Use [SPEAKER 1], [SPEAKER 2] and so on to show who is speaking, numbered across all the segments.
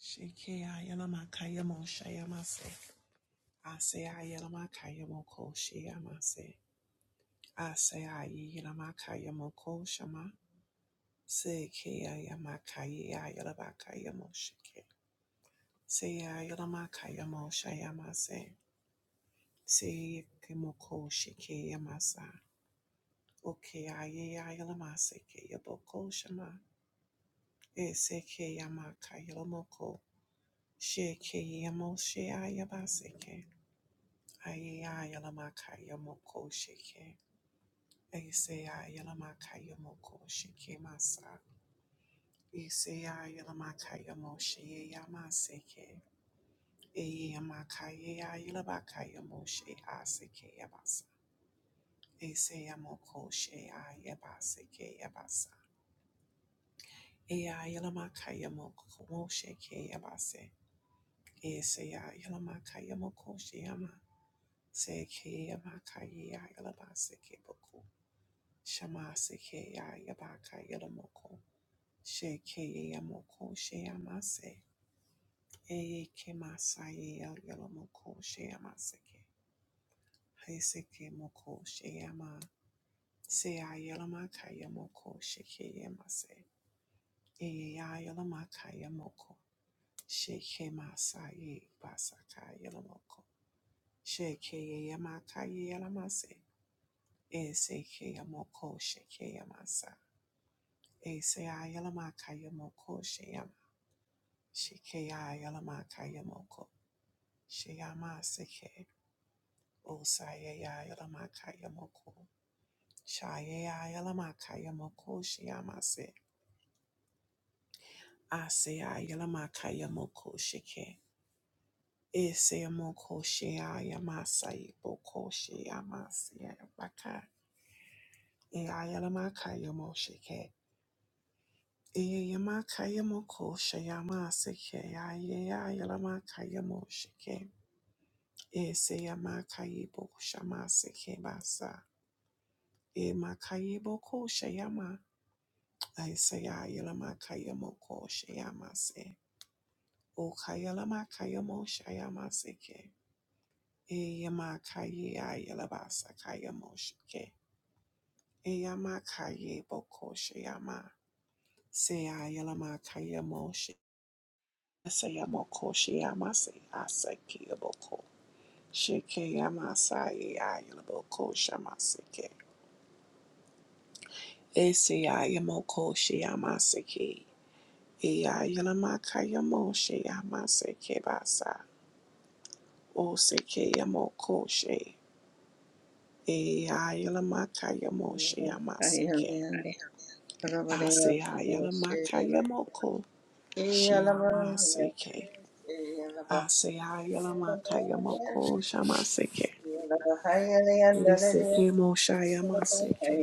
[SPEAKER 1] Shekeayanamakayamosheamase. Aseayanamakayamokosheamase. Aseayanamakayamokosheama. Sekeayamakayeayanamakayamoseke. Seayanamakayamosheamase. Seyekemokoshekeamasa. Okeayeayalamasekeyabokoshema. Esekeyamakayalamoko. Shekeyamosheayabaseke. Ayayalamakaya moko sheke. Ayayalamakaya moko sheke masa. Ayayalamakaya moshe yamaseke. Ayayamakaya yalabakaya moshe aseke yabasa. Ayayamoko she ayabaseke yabasa. Ayayalamakaya moko moshe ke yabase. Ayayalamakaya moko she yama. Seke yamakaya yalabaseke boku. Shamaseke ya yabaka yalamoko. Sheke yamoko sheyamase. Eye kemasa ya yalamoko sheyamaseke. Haiseke moko sheyama. Seya yalamaka yamoko sheke yamase. Eye ya yalamaka yamoko. Sheke masa ye basaka yalamoko. Sheke yamaka yalamase. Ese ke yamoko sheke yamasa. Ese ayalamaka yamoko Shikeya Yalamaka Yamoko. Sheyama Seke. Osayaya Yalamaka Yamoko. Shayaya Yalamaka Yamoko Sheyamase. Aseya Yalamaka Yamoko Shike. Eseyamoko Sheya Yamasai Boko Sheyamase Baka. Eya Yalamaka Yamo Shike. Eyamaka Yamoko Sheyama Seke. Ayaya Yalamaka Yamo Shike. Eseyama kayebo shama sekebasa. Ema kayebo ko shayama. Eseya yelama kayamo ko shayama se. O kayelama kayamo shayama seke. Eyama kayeya yelabasa kayamo shike. Eyama kayebo ko shayama. Seya yelama kayamo shi. Eseyamo ko shayama se. Asakeyabo ko. Shikeyama sa e a yelabo ko shama seke. Eseyayamokoshiyamaseki. Eyayalamakayamoshiyamaseki-basa. Osekeyamokoshe. Eyayalamakayamoshiyamaseki.
[SPEAKER 2] Ireland, Romania,
[SPEAKER 1] Aseyayalamakayamokoshiyamaseki. Aseyayalamakayamokoshamaseki. Esekemoshayamaseki.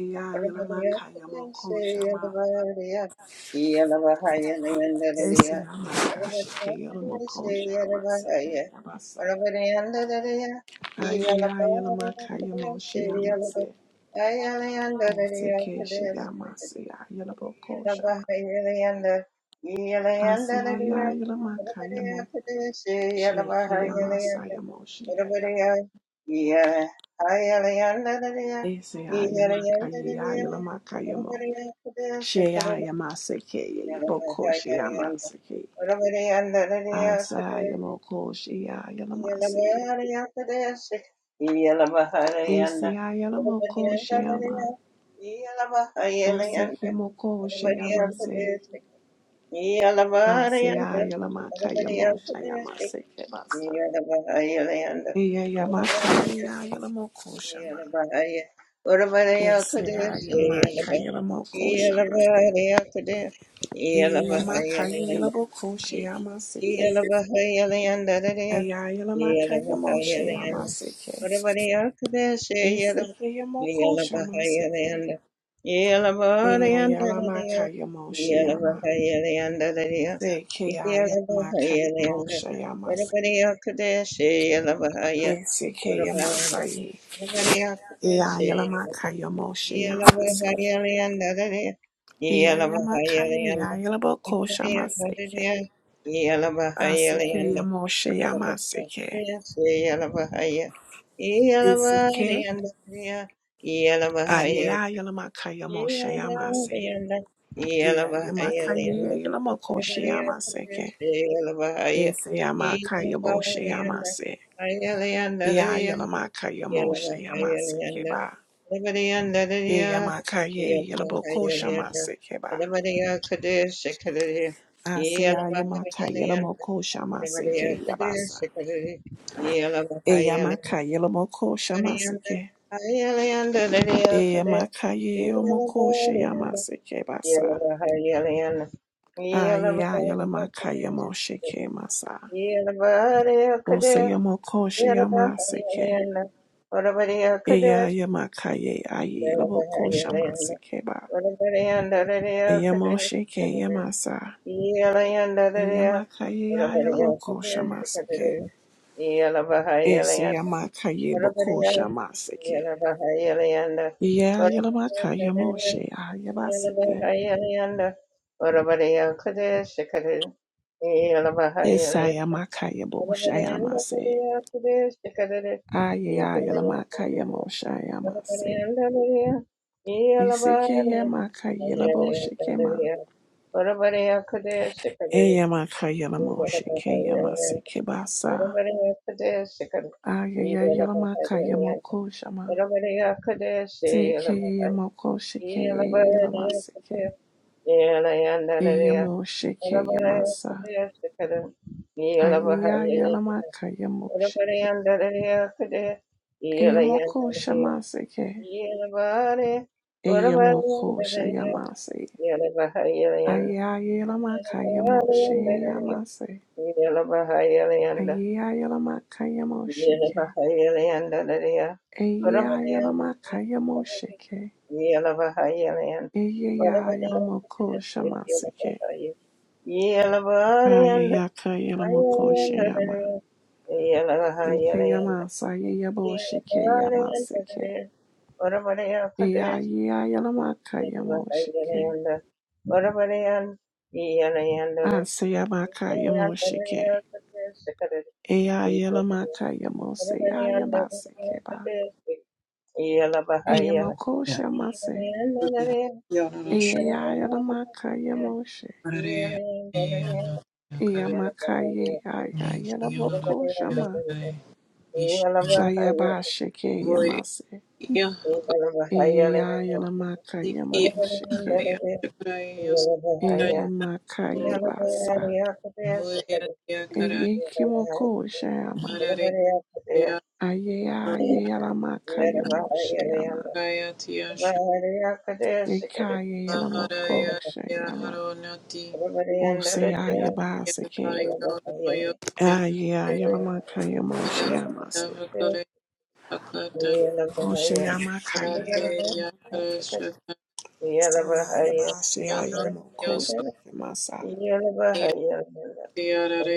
[SPEAKER 1] Eyayalamakayamokoshamaseki. Ese ayala mo ko she
[SPEAKER 2] Yeah.
[SPEAKER 1] Ose
[SPEAKER 2] Yalabahayalanda,
[SPEAKER 1] kemoko sheyamase. Ase ayalamaka yamo shayamase kebasa. Eya yamaka eya yalamoko shama.
[SPEAKER 2] Yalabaya, Urabaya
[SPEAKER 1] Ese
[SPEAKER 2] Kadis,
[SPEAKER 1] ayamaka
[SPEAKER 2] Yalaba,
[SPEAKER 1] yalamoko shamase.
[SPEAKER 2] Yalabaya Kadis,
[SPEAKER 1] Eya
[SPEAKER 2] Yalabaya
[SPEAKER 1] yamaka
[SPEAKER 2] Leanda,
[SPEAKER 1] yalamoko sheyamase ke.
[SPEAKER 2] Yalabaya Leanda,
[SPEAKER 1] Aya yalamaka yamo
[SPEAKER 2] Yalabaya Leanda,
[SPEAKER 1] sheyamase ke.
[SPEAKER 2] Urabaya Kadis,
[SPEAKER 1] Ese
[SPEAKER 2] Yalaba,
[SPEAKER 1] ke yamoko
[SPEAKER 2] Yalabaya
[SPEAKER 1] shamase ke.
[SPEAKER 2] Leanda, Yalabaya
[SPEAKER 1] Eya
[SPEAKER 2] Leanda,
[SPEAKER 1] yalamaka yamo
[SPEAKER 2] Yalabaya
[SPEAKER 1] sheyama.
[SPEAKER 2] Leanda,
[SPEAKER 1] Se ke ayalamaka
[SPEAKER 2] Yalabaya
[SPEAKER 1] yamo
[SPEAKER 2] Leanda,
[SPEAKER 1] sheyamase.
[SPEAKER 2] Urabaya Kadis, Yalabaya,
[SPEAKER 1] Ese ke yamasa ye.
[SPEAKER 2] yeah.
[SPEAKER 1] Iya yalamaka yamoshe yamaseke. Iya yamaka iya yalaboko shamaseke. Aseke yamoshe yamaseke. Iseke iya yalamaka yamoshe yamase. Iya yamaka iya yalamoko shamaseke. Ise yamaka yamoshe yamase. Iya yalamaka yamoshe yamaseke ba. Iya
[SPEAKER 2] Udabadiya,
[SPEAKER 1] yamaka iya yalaboko
[SPEAKER 2] Yadahayalanda,
[SPEAKER 1] shamaseke ba.
[SPEAKER 2] Udabadiya Kadesh, Kadari,
[SPEAKER 1] Aseyayamaka
[SPEAKER 2] Yalabahayalanda,
[SPEAKER 1] Yelamoko
[SPEAKER 2] Udabadiya
[SPEAKER 1] Shamaseke
[SPEAKER 2] Kadesh,
[SPEAKER 1] Yabasa.
[SPEAKER 2] Kadari, Yalabahayalanda,
[SPEAKER 1] Eyamaka Yelamoko
[SPEAKER 2] Udabadiyanda,
[SPEAKER 1] Shamaseke.
[SPEAKER 2] Hayalanda, Dadiya Kadesh,
[SPEAKER 1] Eyamaka Yelomoko
[SPEAKER 2] Yalabahayalanda,
[SPEAKER 1] Shayamaseke Basa.
[SPEAKER 2] Yalabahayalanda, Yalabahayalanda,
[SPEAKER 1] Aya Yelamaka
[SPEAKER 2] Kadesh,
[SPEAKER 1] Yamosheke Masa.
[SPEAKER 2] Yalabahayalanda, Kadesh,
[SPEAKER 1] Oseyamoko Shayamaseke.
[SPEAKER 2] Yalabahayalanda, Udabadiya
[SPEAKER 1] Eya
[SPEAKER 2] Kadesh,
[SPEAKER 1] Yamaka Ye Ayelaboko
[SPEAKER 2] Yalabahayalanda,
[SPEAKER 1] Shamaseke Ba.
[SPEAKER 2] yeah.
[SPEAKER 1] Eyamosheke Yamasa. Eyamaka Ye Ayelaboko Shamaseke. Eseyamaka Yeboko Shamaseke. Yeah, Yalamakaya Moshe, Ayabaseke, Isaya Makaya Boshayamase, Aya Yalamakaya Moshayamase, Isike Yamakaya Laboshekema,
[SPEAKER 2] Yeah.
[SPEAKER 1] Ayamakaya Lamosheke Yamase Kebasa, Aya Yalamakaya Mokoshama, Seke Yamokosheke Yalamaseke, Yamosheke Yamasa, Aya Yalamakaya Mosheke, Ayamokoshama Seke. Eyamokosha Yamase. Ayayelamaka Yamoshe Yamase.
[SPEAKER 2] Yela bahayela yanda,
[SPEAKER 1] Ayayelamaka
[SPEAKER 2] yela
[SPEAKER 1] Yamosheke.
[SPEAKER 2] bahayela yanda dariya, orabariya
[SPEAKER 1] Ayayelamaka
[SPEAKER 2] kudurasi,
[SPEAKER 1] Yamosheke.
[SPEAKER 2] yela bahayela yanda, orabariya kudurasi,
[SPEAKER 1] Ayayelamokosha
[SPEAKER 2] yela
[SPEAKER 1] Maseke.
[SPEAKER 2] bahayela, yela bahayela yanda,
[SPEAKER 1] Ayayaka
[SPEAKER 2] bahayela
[SPEAKER 1] Yelamokosha
[SPEAKER 2] yanda
[SPEAKER 1] Yama.
[SPEAKER 2] dariya, yela
[SPEAKER 1] Sika
[SPEAKER 2] bahayela yanda,
[SPEAKER 1] Yamasa
[SPEAKER 2] yela
[SPEAKER 1] Yabosheke
[SPEAKER 2] bahayela yanda
[SPEAKER 1] Yamaseke.
[SPEAKER 2] dariya, orabariya kudurasi,
[SPEAKER 1] Ayayelamaka
[SPEAKER 2] yela bahayela
[SPEAKER 1] Yamosheke.
[SPEAKER 2] yanda, orabariya yela yanda dariya,
[SPEAKER 1] Asayamaka
[SPEAKER 2] yela yanda
[SPEAKER 1] Yamosheke.
[SPEAKER 2] dariya kudurasi
[SPEAKER 1] ba
[SPEAKER 2] kadari.
[SPEAKER 1] Yamose
[SPEAKER 2] Yeah.
[SPEAKER 1] Ayabaseke
[SPEAKER 3] Yeah.
[SPEAKER 1] Eyamakosha mase.
[SPEAKER 3] Yeah. Yeah, no, no, sure.
[SPEAKER 1] Eyayayamaka yamoshe.
[SPEAKER 3] Parare, yeah, no, yeah, cara.
[SPEAKER 1] Eyamaka ye
[SPEAKER 3] Mm, yeah, no, no,
[SPEAKER 1] ayayamokosha
[SPEAKER 3] yeah,
[SPEAKER 1] ma.
[SPEAKER 3] cara. Ish, yeah.
[SPEAKER 1] Sayabashike
[SPEAKER 3] Boy,
[SPEAKER 1] yamase.
[SPEAKER 3] yeah,
[SPEAKER 1] Eyayayamaka
[SPEAKER 3] yeah, yeah,
[SPEAKER 1] yamoshike.
[SPEAKER 3] yeah, shukra, yeah, shukra, yeah,
[SPEAKER 1] Eyimaka
[SPEAKER 3] no,
[SPEAKER 1] yebasa.
[SPEAKER 3] boy, yeah, yeah, cara.
[SPEAKER 1] Eyekimokosha yama.
[SPEAKER 3] yeah, no,
[SPEAKER 1] Ayayayalamaka yamoshe yama.
[SPEAKER 3] kaya, tia, shukra,
[SPEAKER 1] Sekaye
[SPEAKER 3] hara, yeah,
[SPEAKER 1] yalamokosha
[SPEAKER 3] tia,
[SPEAKER 1] yama.
[SPEAKER 3] haro, nati. Yeah,
[SPEAKER 1] Oseyayabaseke.
[SPEAKER 3] I, no, yeah, no, yeah, yeah, yeah,
[SPEAKER 1] Ayayayamaka yamoshe
[SPEAKER 3] yeah, shukra,
[SPEAKER 1] yamase.
[SPEAKER 3] hakare, sakata.
[SPEAKER 1] Oshayamakaye,
[SPEAKER 3] Parate, yeah,
[SPEAKER 1] Yamoko, Sayayaba,
[SPEAKER 3] Yo
[SPEAKER 1] Sayayamoko, masa.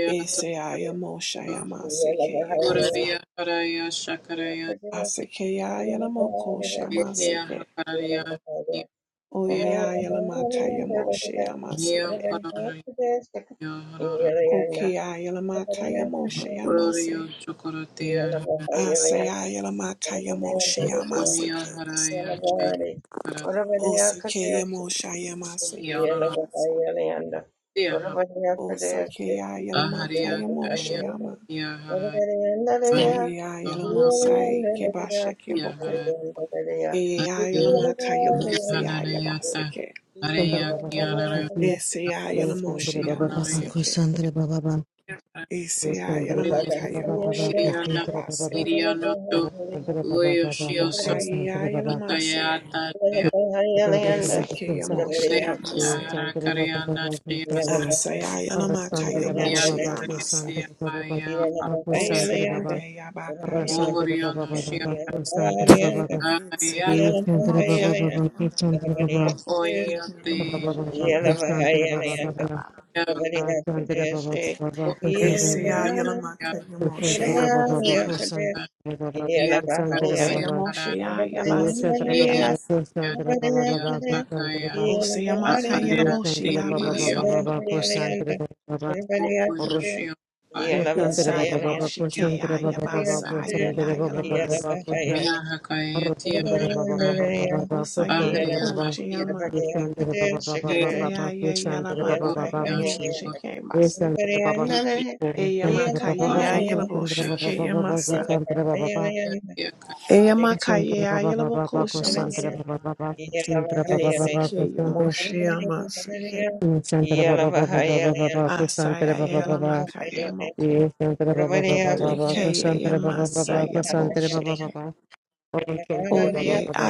[SPEAKER 1] Esayamo, Shayama, seke Yabasa, Asakeya, Yalamoko, Shama, seke Oya, Yalamakayamo, Shayama, seke. Okaya, Yalamakayamo, Shayama, se. Oshayamakayayalamoko. Seyayabashayayalamoko.
[SPEAKER 2] Yeah.
[SPEAKER 1] Shikimasa.
[SPEAKER 2] Yalabari, Urabadiya Kadeshi,
[SPEAKER 1] Eseyayamoshayamasekeyabasa.
[SPEAKER 2] Yalabahayalayanda,
[SPEAKER 1] Asekeyayalamoko shamaseke. Oyeyayalamakayamoshayamaseke. Okeyayalamakayamoshayamaseke.
[SPEAKER 2] Urabadiya
[SPEAKER 1] Asayayalamakayamoshayamaseke. Osekeyamoshayamaseke.
[SPEAKER 2] Kadeshi,
[SPEAKER 1] Osakeyayalamakayamoshayama.
[SPEAKER 2] Yalabahayalayanda, Urabadiyandadaya,
[SPEAKER 1] Sayaya Yalamosai
[SPEAKER 2] Yalayandadaya,
[SPEAKER 1] Kebasheke boko. Sayeyayelamosai kebashekeboko.
[SPEAKER 2] Yalayandadaya, Yalabariya Kadeshi,
[SPEAKER 3] Yahanayanata,
[SPEAKER 1] Eyayelamakayamoseyayamaseke.
[SPEAKER 3] Hare
[SPEAKER 4] Shandra Baba Baba
[SPEAKER 3] Yakiyanara,
[SPEAKER 2] Yalabahayalayanda,
[SPEAKER 4] Kushi, Shandra Baba Baba
[SPEAKER 3] Yokonoria
[SPEAKER 1] Eseyayelamosheyamaseke.
[SPEAKER 4] Kushandra Baba Baba, Shandra Baba
[SPEAKER 2] Urabadiyandadaya,
[SPEAKER 4] Baba Baba Kushi,
[SPEAKER 3] Iriana
[SPEAKER 2] Yalabahayalayanda,
[SPEAKER 4] Baba
[SPEAKER 1] Eseyayelamakayamosheyayabaseke.
[SPEAKER 3] Iriano to
[SPEAKER 4] Baba,
[SPEAKER 2] Yalabahayalayanda,
[SPEAKER 4] Shandra Baba Baba
[SPEAKER 3] Uyoshio
[SPEAKER 4] Baba Kushandra Baba,
[SPEAKER 1] Okayeyayelamaseye.
[SPEAKER 3] Sotayata
[SPEAKER 4] Shandra Baba Baba Kusha,
[SPEAKER 1] Esekeyamosheyamaseye.
[SPEAKER 3] Yara
[SPEAKER 4] Shandra Baba
[SPEAKER 3] Kariana
[SPEAKER 4] Baba
[SPEAKER 3] Shia
[SPEAKER 4] Kushandra, Arasandra Baba Baba Kushandra
[SPEAKER 3] Sakia
[SPEAKER 1] Asayayelamakayamosheyamase.
[SPEAKER 4] Baba
[SPEAKER 3] Aya
[SPEAKER 4] Baba Kushandra Baba, Arasandra Baba
[SPEAKER 3] Oriono
[SPEAKER 1] Oseyayeyabakayalamoseke.
[SPEAKER 3] Shia
[SPEAKER 4] Baba Kushandra Baba Baba,
[SPEAKER 3] Yara
[SPEAKER 4] Shandra Baba Baba Kushandra
[SPEAKER 1] Esekeyamosheyayamase.
[SPEAKER 4] Baba,
[SPEAKER 3] Oyote
[SPEAKER 4] Baba Baba Kushandra Baba Baba,
[SPEAKER 3] Yara
[SPEAKER 4] Sandra Baba Baba Sandra
[SPEAKER 3] Oriono
[SPEAKER 4] Sandra Baba
[SPEAKER 3] Murkiona
[SPEAKER 4] Baba Sandra Baba
[SPEAKER 3] Yara
[SPEAKER 4] Sandra Baba Sandra Baba
[SPEAKER 3] Yara
[SPEAKER 4] Sandra Baba
[SPEAKER 3] Yara
[SPEAKER 4] Baba Sandra Baba Sandra Baba
[SPEAKER 3] Shia
[SPEAKER 4] Baba
[SPEAKER 3] Sakaya
[SPEAKER 4] Baba Sandra Baba Baba Sandra Baba Baba Sandra Baba Baba
[SPEAKER 2] Yeah. Yeah.
[SPEAKER 4] Sandra Baba Baba Baba, Baba
[SPEAKER 1] Eyamakaya yelabo koshamase. Eseke Yomoshiyama Seke Asaya Yalamakayamoko Seke
[SPEAKER 4] Baba
[SPEAKER 1] Yamasaya
[SPEAKER 4] Baba
[SPEAKER 1] Bosheke
[SPEAKER 4] Baba Santere Baba
[SPEAKER 1] Oye
[SPEAKER 4] Baba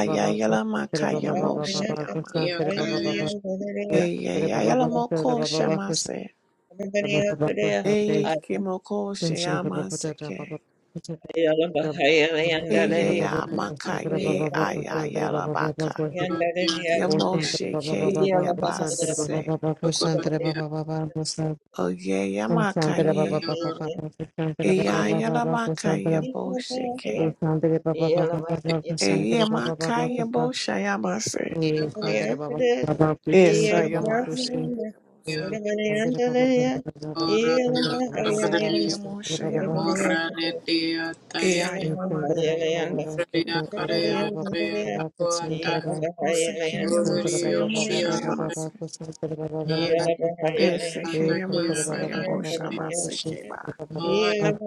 [SPEAKER 2] Yeah.
[SPEAKER 4] Baba Baba
[SPEAKER 1] Eye Ayalamoko Shamase Eye Kimoko Shiyama Seke Eye Yamakaye Ayayalabaka Yamosheke Yabase Oye Yamakaye Eye Ayalamakayabosheke
[SPEAKER 4] Baba
[SPEAKER 1] Eyemakayabosayamase.
[SPEAKER 4] Yes, Sandra Baba Baba Kushi, Baba Baba
[SPEAKER 1] Esayamase.
[SPEAKER 4] Kushi,
[SPEAKER 1] Keyabosayamase.
[SPEAKER 4] Sandra Baba Baba Baba, Sandra Baba Baba Baba, Sandra Baba Baba,
[SPEAKER 1] Asekeyamosayamase.
[SPEAKER 3] Morra netia tae,
[SPEAKER 2] Yeah.
[SPEAKER 4] Sandra Baba Baba
[SPEAKER 1] Eyayalamakayamose.
[SPEAKER 4] Baba,
[SPEAKER 3] rea
[SPEAKER 4] Sandra
[SPEAKER 1] Keyabasa.
[SPEAKER 4] Baba
[SPEAKER 3] karea,
[SPEAKER 4] Baba
[SPEAKER 3] rea
[SPEAKER 4] Baba, Sandra
[SPEAKER 3] tapuata,
[SPEAKER 4] Baba
[SPEAKER 3] Oro to
[SPEAKER 4] Sandra Baba
[SPEAKER 3] yo
[SPEAKER 4] Baba
[SPEAKER 3] shokoro
[SPEAKER 4] Baba
[SPEAKER 3] to
[SPEAKER 1] Osekeyamaosayamosayamase.
[SPEAKER 4] Baba, Sandra Baba Baba Baba,
[SPEAKER 3] ya
[SPEAKER 4] Yes, Sandra Baba Baba Baba
[SPEAKER 1] Esekeyamasayaboshamase.
[SPEAKER 4] Kushi,
[SPEAKER 1] Keba.
[SPEAKER 4] Baba Baba Baba,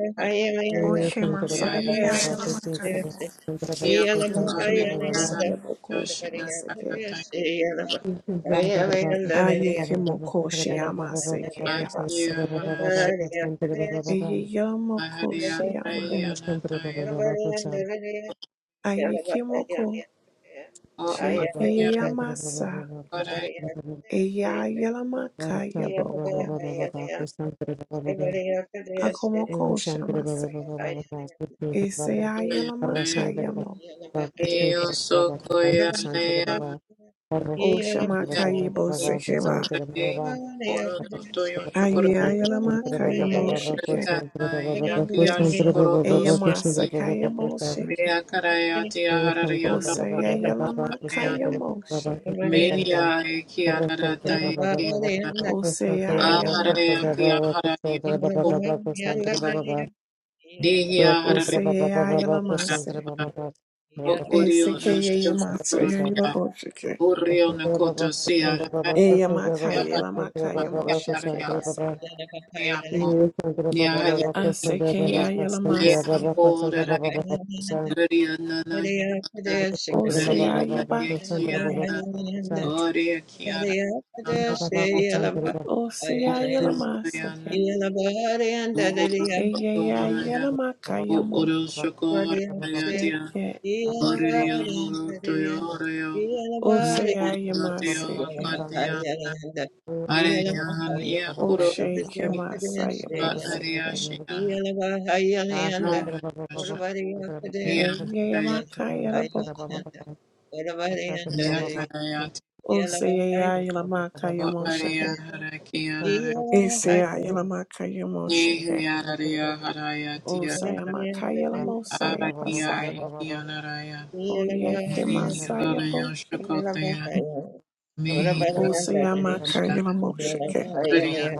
[SPEAKER 4] Yes, Sandra Baba Baba Baba Kushi,
[SPEAKER 1] Okemasayeayalamakayamo.
[SPEAKER 4] Sandra Baba Baba Baba
[SPEAKER 1] Okeyamasayabokosamase. Ke.
[SPEAKER 4] Thank you.
[SPEAKER 1] Ayekemokoshamase. Keyabasa. Eyeyamokoshamase.
[SPEAKER 2] Yeah.
[SPEAKER 1] Ayikimoko Shikeyamasa Eyayelamaka Yaboko Akomoko
[SPEAKER 4] Shantre
[SPEAKER 1] Shamase
[SPEAKER 4] Baba Baba Baba Pushkin Baba
[SPEAKER 1] Eseyayelamaka
[SPEAKER 4] Rasantre Baba
[SPEAKER 1] Yamo
[SPEAKER 4] Pushkin Baba Baba Santre Baba
[SPEAKER 1] O
[SPEAKER 4] Rasantre Baba
[SPEAKER 1] Shamaka
[SPEAKER 4] Baba
[SPEAKER 1] Yibo
[SPEAKER 4] Baba
[SPEAKER 1] Sekeba
[SPEAKER 4] Santre Baba Santre
[SPEAKER 1] Ayayelamaka
[SPEAKER 4] Baba
[SPEAKER 1] Yamo
[SPEAKER 4] Baba
[SPEAKER 1] Shike
[SPEAKER 4] Santre
[SPEAKER 3] na
[SPEAKER 4] Baba
[SPEAKER 3] ya ki
[SPEAKER 4] Baba
[SPEAKER 3] ya
[SPEAKER 4] Santre
[SPEAKER 3] shokoro
[SPEAKER 4] Baba Baba Santre Baba Baba Santre
[SPEAKER 3] to
[SPEAKER 1] Eyamasa
[SPEAKER 4] Baba Baba Baba Santre
[SPEAKER 1] Kayamo Shike
[SPEAKER 3] Mea karaya tia
[SPEAKER 1] O
[SPEAKER 3] hararion no
[SPEAKER 1] Seyayelamaka
[SPEAKER 3] karaya.
[SPEAKER 4] Baba
[SPEAKER 1] Yamo
[SPEAKER 4] Baba Rasantre
[SPEAKER 1] She
[SPEAKER 3] Mehia e kia rarata e
[SPEAKER 4] Baba
[SPEAKER 3] kia.
[SPEAKER 4] Baba Baba
[SPEAKER 1] O
[SPEAKER 4] Santre Baba Baba
[SPEAKER 3] Aharaya
[SPEAKER 1] Seyayamaka
[SPEAKER 3] kia hararion
[SPEAKER 4] Santre Baba
[SPEAKER 3] no
[SPEAKER 4] Baba Santre
[SPEAKER 3] kura.
[SPEAKER 4] Baba Baba
[SPEAKER 3] Dehia
[SPEAKER 1] O
[SPEAKER 3] hararion
[SPEAKER 4] Sandra Baba Baba
[SPEAKER 3] e
[SPEAKER 4] Baba Sandra
[SPEAKER 1] Seyayelamase
[SPEAKER 4] Baba Baba
[SPEAKER 3] Mo urio no
[SPEAKER 4] Sandra
[SPEAKER 3] shio
[SPEAKER 1] Esekeyamasa
[SPEAKER 4] Baba
[SPEAKER 3] sakura
[SPEAKER 4] Sandra
[SPEAKER 3] tia.
[SPEAKER 1] Yababo Shike
[SPEAKER 3] Urio no koto
[SPEAKER 4] Baba
[SPEAKER 3] sia
[SPEAKER 4] Sandra Baba Sandra Baba Baba
[SPEAKER 3] harari. Mea
[SPEAKER 1] Eyamakaya
[SPEAKER 3] haraya
[SPEAKER 1] Lamakaya
[SPEAKER 3] kia
[SPEAKER 1] Moshe
[SPEAKER 3] haraya
[SPEAKER 4] Sandra Baba Sandra Baba Baba Sandra Baba
[SPEAKER 1] Kebasa.
[SPEAKER 3] kumea mo. Nia hayi
[SPEAKER 4] Sandra
[SPEAKER 1] Aseke
[SPEAKER 3] ki.
[SPEAKER 4] Baba
[SPEAKER 3] Mea
[SPEAKER 4] Sandra Baba
[SPEAKER 1] Yayelamase.
[SPEAKER 4] Baba
[SPEAKER 3] hapo
[SPEAKER 4] Sandra Baba
[SPEAKER 3] raraya.
[SPEAKER 4] Baba Baba Sandra Baba Sandra Baba Sandra Baba Sandra Baba
[SPEAKER 3] Urio no no shio na.
[SPEAKER 1] Osea
[SPEAKER 4] Baba Sandra
[SPEAKER 3] Raraya
[SPEAKER 4] Baba
[SPEAKER 1] Yabakaseke.
[SPEAKER 3] na
[SPEAKER 4] Baba Sandra
[SPEAKER 3] Gloria Kiara Ana
[SPEAKER 1] Osea
[SPEAKER 3] Oyana
[SPEAKER 1] Yelamaseke.
[SPEAKER 3] Obora
[SPEAKER 1] Eya
[SPEAKER 3] Oraya
[SPEAKER 1] Yelamakaya
[SPEAKER 3] O
[SPEAKER 1] Mo.
[SPEAKER 3] Oro Shokora
[SPEAKER 2] Yeah.
[SPEAKER 3] Yatia
[SPEAKER 1] Sheke.
[SPEAKER 2] Yeah.
[SPEAKER 3] Oria Moro Toyoria
[SPEAKER 1] Osea
[SPEAKER 4] Baba
[SPEAKER 3] Moratia
[SPEAKER 4] Baba
[SPEAKER 1] Yamaseke.
[SPEAKER 4] Sandra
[SPEAKER 3] Hakatia Arian
[SPEAKER 4] baba
[SPEAKER 3] Yakuro
[SPEAKER 1] Osheke Masaya
[SPEAKER 3] Aria
[SPEAKER 1] Boseke.
[SPEAKER 3] Shia Mora Mia
[SPEAKER 1] Eya Makaya Laboko.
[SPEAKER 3] Yakarayati
[SPEAKER 1] Osea Yelamakaya
[SPEAKER 3] O Aria
[SPEAKER 1] Mosheke.
[SPEAKER 3] Harakiana
[SPEAKER 1] Esea Yelamakaya Mosheke.
[SPEAKER 3] Nihiararia Harayatia
[SPEAKER 1] Osea Makaya Lamosaya
[SPEAKER 3] Ari
[SPEAKER 1] Pase.
[SPEAKER 3] ari kianaraya.
[SPEAKER 1] Oyeke masaya
[SPEAKER 3] Nihiraraya
[SPEAKER 1] boshe.
[SPEAKER 3] shakotaya. Mihiraraya.
[SPEAKER 1] Oseya makaya moshike.
[SPEAKER 3] Hurriya.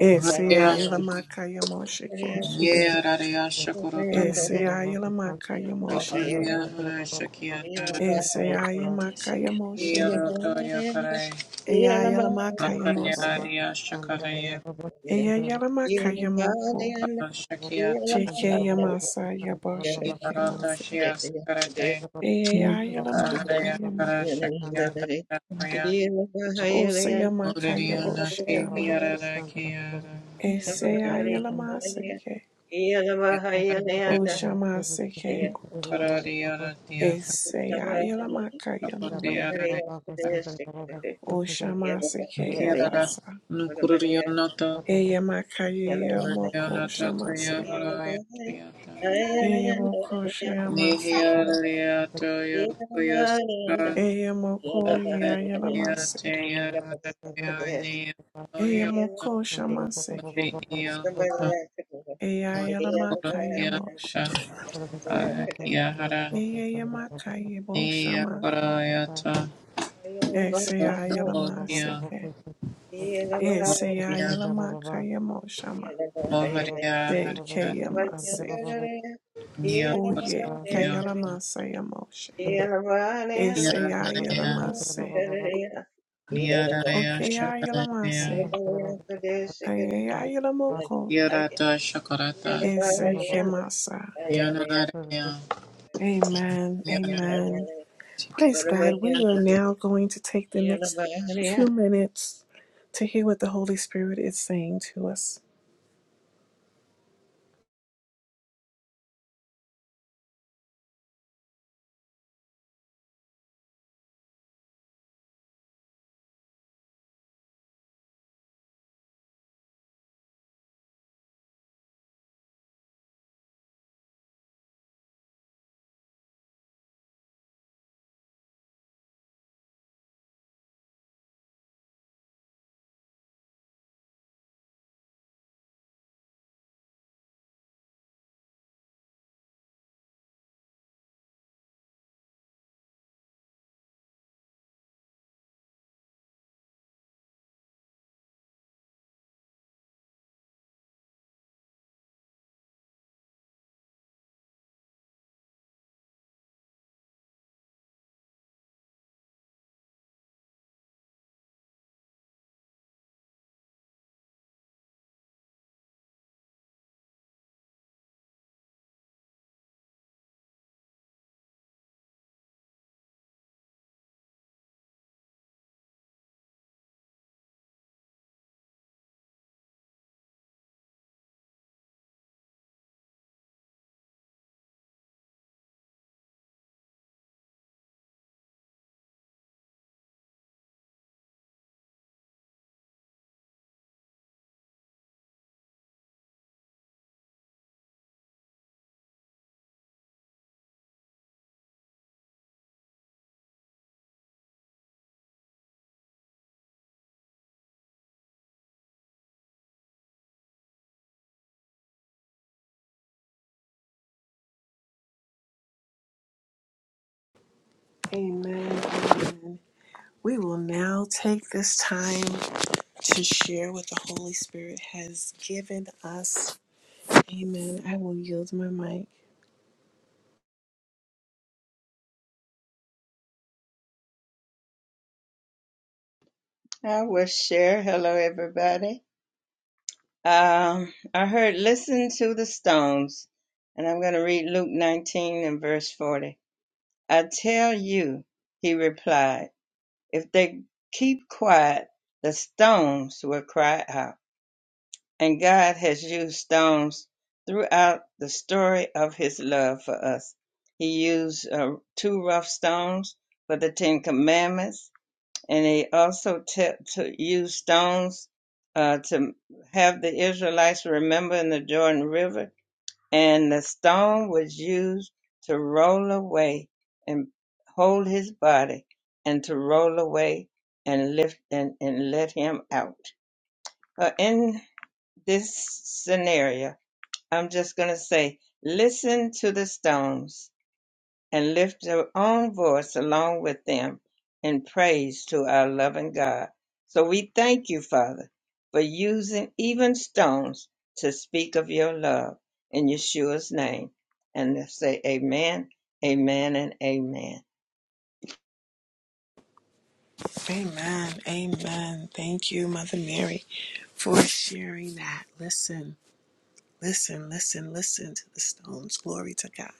[SPEAKER 1] Eseya
[SPEAKER 3] Hurriya
[SPEAKER 1] yela
[SPEAKER 3] shaka.
[SPEAKER 1] makaya moshike.
[SPEAKER 3] Yeraraya shakuroto.
[SPEAKER 1] Eseya yela makaya moshike.
[SPEAKER 3] Hurriya hurriya shakiyata.
[SPEAKER 1] Eseya yela makaya moshe.
[SPEAKER 3] Hiroto yakarai.
[SPEAKER 1] Eya
[SPEAKER 4] you.
[SPEAKER 1] yela makaya
[SPEAKER 4] Sandra
[SPEAKER 3] Akariya
[SPEAKER 1] mose.
[SPEAKER 3] ariya shakaraya.
[SPEAKER 1] Eya yela makaya moko.
[SPEAKER 2] Yeah.
[SPEAKER 3] Shakiyata.
[SPEAKER 1] Chike yamasaya boshe
[SPEAKER 3] Hiroto
[SPEAKER 1] kemase.
[SPEAKER 3] shiya sakarate.
[SPEAKER 1] Eya yela
[SPEAKER 3] Ahariya
[SPEAKER 1] makaya mo.
[SPEAKER 3] kara shakiyata.
[SPEAKER 1] Oseya makaya
[SPEAKER 3] Hurriya
[SPEAKER 1] boshe
[SPEAKER 3] nati
[SPEAKER 1] ama.
[SPEAKER 3] hirarakiya.
[SPEAKER 1] Eseya yela masike.
[SPEAKER 2] They
[SPEAKER 1] Oshamasike.
[SPEAKER 2] had finished it.
[SPEAKER 3] Parodiatia
[SPEAKER 2] Number
[SPEAKER 1] Eseyayela makayemo
[SPEAKER 2] whatever they
[SPEAKER 3] Capotiare
[SPEAKER 2] have to finish, they can do is stick with it.
[SPEAKER 1] o
[SPEAKER 2] Yeah, but the
[SPEAKER 1] shamase.
[SPEAKER 2] higher
[SPEAKER 1] Eseyayalamakayamo,
[SPEAKER 2] they
[SPEAKER 3] Chiara
[SPEAKER 1] Oshamasekeyabasa,
[SPEAKER 2] whatever they are,
[SPEAKER 3] Nucurionata
[SPEAKER 2] yeah, but the higher,
[SPEAKER 3] Radianata
[SPEAKER 1] Eyamakayeyamokoyamase,
[SPEAKER 2] yeah, but
[SPEAKER 3] Triara
[SPEAKER 2] the higher,
[SPEAKER 3] Yashiata
[SPEAKER 2] higher yeah,
[SPEAKER 1] Eyamokoshayamaseke,
[SPEAKER 2] but the-
[SPEAKER 3] Nihiariato
[SPEAKER 2] yeah, but
[SPEAKER 3] Yokoyasaka
[SPEAKER 2] yeah, but the higher they
[SPEAKER 1] Eyamokoyayalamase,
[SPEAKER 3] Ariatea
[SPEAKER 2] whatever they have to do
[SPEAKER 3] Harayania
[SPEAKER 2] Yeah, but
[SPEAKER 3] Orionati
[SPEAKER 2] the higher they
[SPEAKER 1] Eyamokoshamaseke,
[SPEAKER 2] whatever
[SPEAKER 3] Iahota
[SPEAKER 2] they have to do yeah, but the higher
[SPEAKER 3] Mastakoratia
[SPEAKER 2] they
[SPEAKER 1] Eyayalamakayamoshe,
[SPEAKER 4] Hi,
[SPEAKER 2] whatever they have to do is- yeah, but the higher,
[SPEAKER 3] Akiahara
[SPEAKER 1] Eyayamakayemoshama,
[SPEAKER 3] Niakorayata
[SPEAKER 1] Eseyayalamaseke,
[SPEAKER 3] Mastakotia
[SPEAKER 1] Eseyayalamakayamo Shama, Eseyayela mase ke.
[SPEAKER 3] Moharia
[SPEAKER 1] Eseyayela makayemo shama.
[SPEAKER 2] yeah, but the higher,
[SPEAKER 3] Moharia Haria
[SPEAKER 2] I
[SPEAKER 1] Sekeyamaseke,
[SPEAKER 3] Nia
[SPEAKER 1] Oye,
[SPEAKER 3] Nia
[SPEAKER 1] Kayalamasayamo
[SPEAKER 3] Niaraya
[SPEAKER 1] Eseyayelamase.
[SPEAKER 3] Niaraya Shakaraya
[SPEAKER 1] Okeyayelamase. Ayayayelamoko.
[SPEAKER 3] Niarata Shakarata
[SPEAKER 1] Esekemasa.
[SPEAKER 3] Niaraya
[SPEAKER 1] Amen.
[SPEAKER 3] Niaraya
[SPEAKER 1] Amen. Praise God. We are now going to take the next two minutes to hear what the Holy Spirit is saying to us. Amen. Amen. We will now take this time to share what the Holy Spirit has given us. Amen. I will yield my mic.
[SPEAKER 2] will share. Hello, everybody. Um, I heard Listen to the Stones, and I'm going to read Luke 19 and verse 40. I tell you, he replied. If they keep quiet, the stones will cry out. And God has used stones throughout the story of his love for us. He used uh, two rough stones for the Ten Commandments, and he also te- to used stones uh, to have the Israelites remember in the Jordan River and the stone was used to roll away and hold his body and to roll away and lift and, and let him out. Uh, in this scenario, I'm just going to say, listen to the stones and lift their own voice along with them in praise to our loving God. So we thank you, Father, for using even stones to speak of your love in Yeshua's name. And let's say amen, amen, and amen.
[SPEAKER 1] Amen. Amen. Thank you, Mother Mary, for sharing that. Listen, listen, listen, listen to the stones. Glory to God.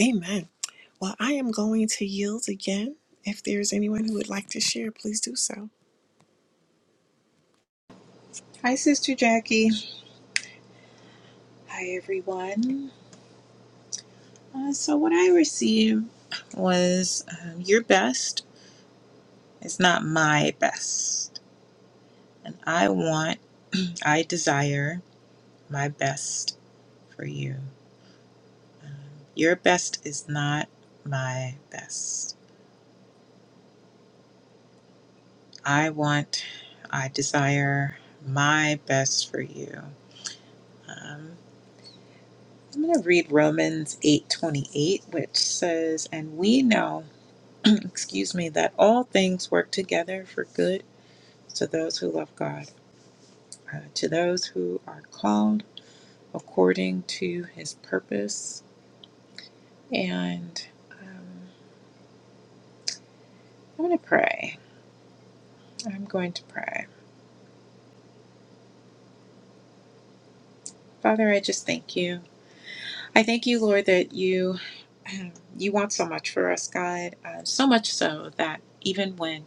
[SPEAKER 1] Amen. Well, I am going to yield again. If there's anyone who would like to share, please do so.
[SPEAKER 3] Hi Sister Jackie. Hi everyone. Uh, so what I received was um, your best is not my best. And I want, I desire my best for you. Um, your best is not my best. I want, I desire my best for you. Um, I'm going to read Romans 8:28 which says and we know excuse me that all things work together for good to those who love God uh, to those who are called according to his purpose and um, I'm going to pray I'm going to pray Father I just thank you I thank you, Lord, that you you want so much for us, God. Uh, so much so that even when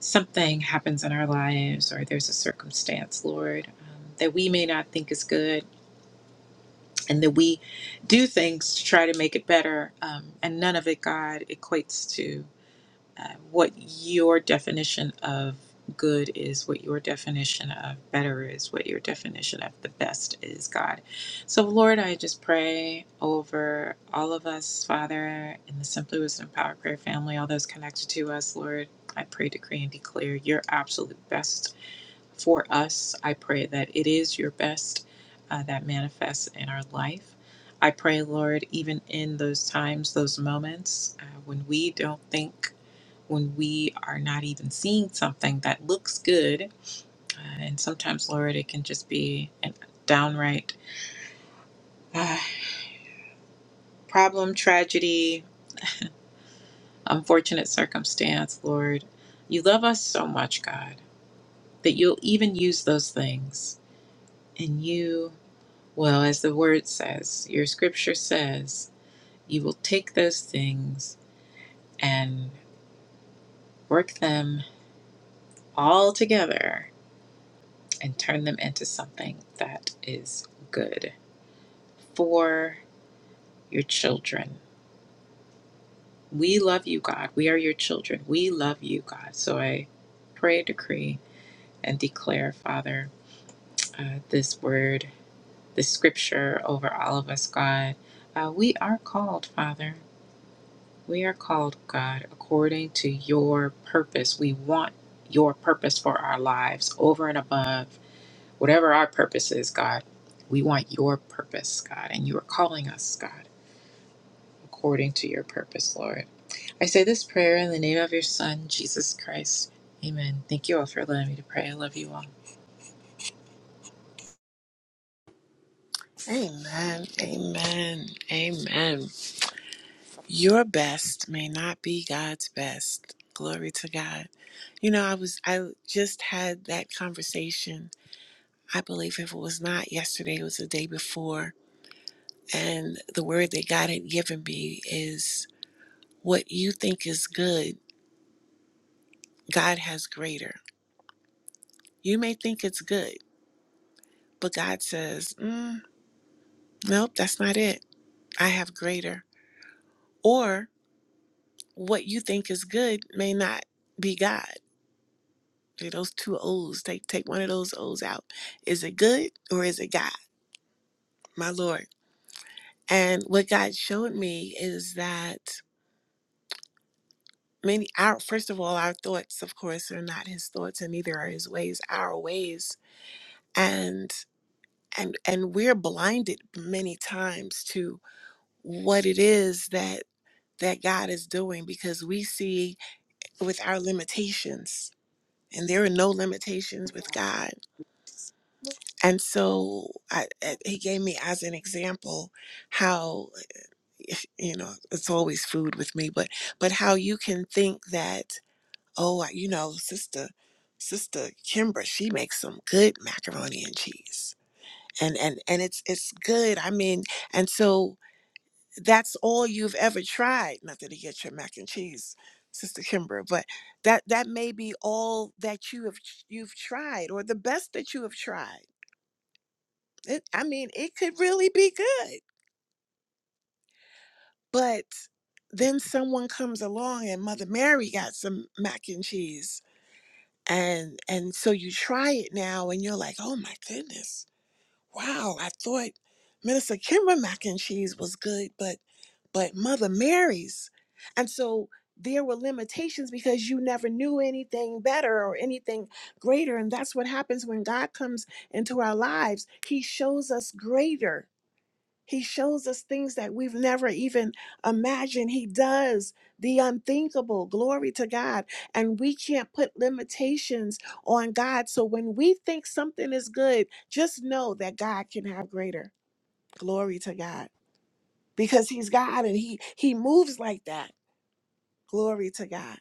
[SPEAKER 3] something happens in our lives or there's a circumstance, Lord, um, that we may not think is good, and that we do things to try to make it better, um, and none of it, God, equates to uh, what your definition of good is, what your definition of better is, what your definition of the best is, God. So, Lord, I just pray over all of us, Father, in the Simply Wisdom Power Prayer family, all those connected to us, Lord. I pray, decree, and declare your absolute best for us. I pray that it is your best uh, that manifests in our life. I pray, Lord, even in those times, those moments uh, when we don't think when we are not even seeing something that looks good. Uh, and sometimes, Lord, it can just be a downright uh, problem, tragedy, unfortunate circumstance, Lord. You love us so much, God, that you'll even use those things. And you, well, as the word says, your scripture says, you will take those things and work them all together and turn them into something that is good for your children. We love you, God. We are your children. We love you, God. So I pray, decree, and declare, Father, uh, this word, this scripture over all of us, God. Uh, we are called, Father. We are called, God, according to your purpose. We want your purpose for our lives over and above whatever our purpose is, God. We want your purpose, God, and you are calling us, God. according to your purpose, Lord. I say this prayer in the name of your Son, Jesus Christ. Amen. Thank you all for allowing me to pray. I love you all.
[SPEAKER 1] Amen. Amen. Amen. Your best may not be God's best. Glory to God. You know, I was I just had that conversation. I believe if it was not yesterday, it was the day before And the word that God had given me is what you think is good, God has greater. You may think it's good, but God says, mm, nope, that's not it. I have greater. Or what you think is good may not be God. Those two O's, take, take one of those O's out. Is it good or is it God? My Lord. And what God showed me is that many, our, first of all, our thoughts, of course, are not his thoughts and neither are his ways our ways and and and we're blinded many times to what it is that that God is doing because we see with our limitations and there are no limitations with God. And so I, I- he gave me as an example how you know it's always food with me but but how you can think that oh you know sister sister Kimbra she makes some good macaroni and cheese and and and it's it's good i mean and so that's all you've ever tried not that you get your mac and cheese sister kimber but that that may be all that you have you've tried or the best that you have tried it, i mean it could really be good but then someone comes along and mother mary got some mac and cheese and and so you try it now and you're like oh my goodness wow, I thought Minister Kimber mac and cheese was good, but but Mother Mary's. And so there were limitations because you never knew anything better or anything greater. And that's what happens when God comes into our lives. He shows us greater. He shows us things that we've never even imagined. He does the unthinkable. Glory to God. And we can't put limitations on God. So when we think something is good, just know that God can have greater. Glory to God. Because he's God and he he moves like that. Glory to God.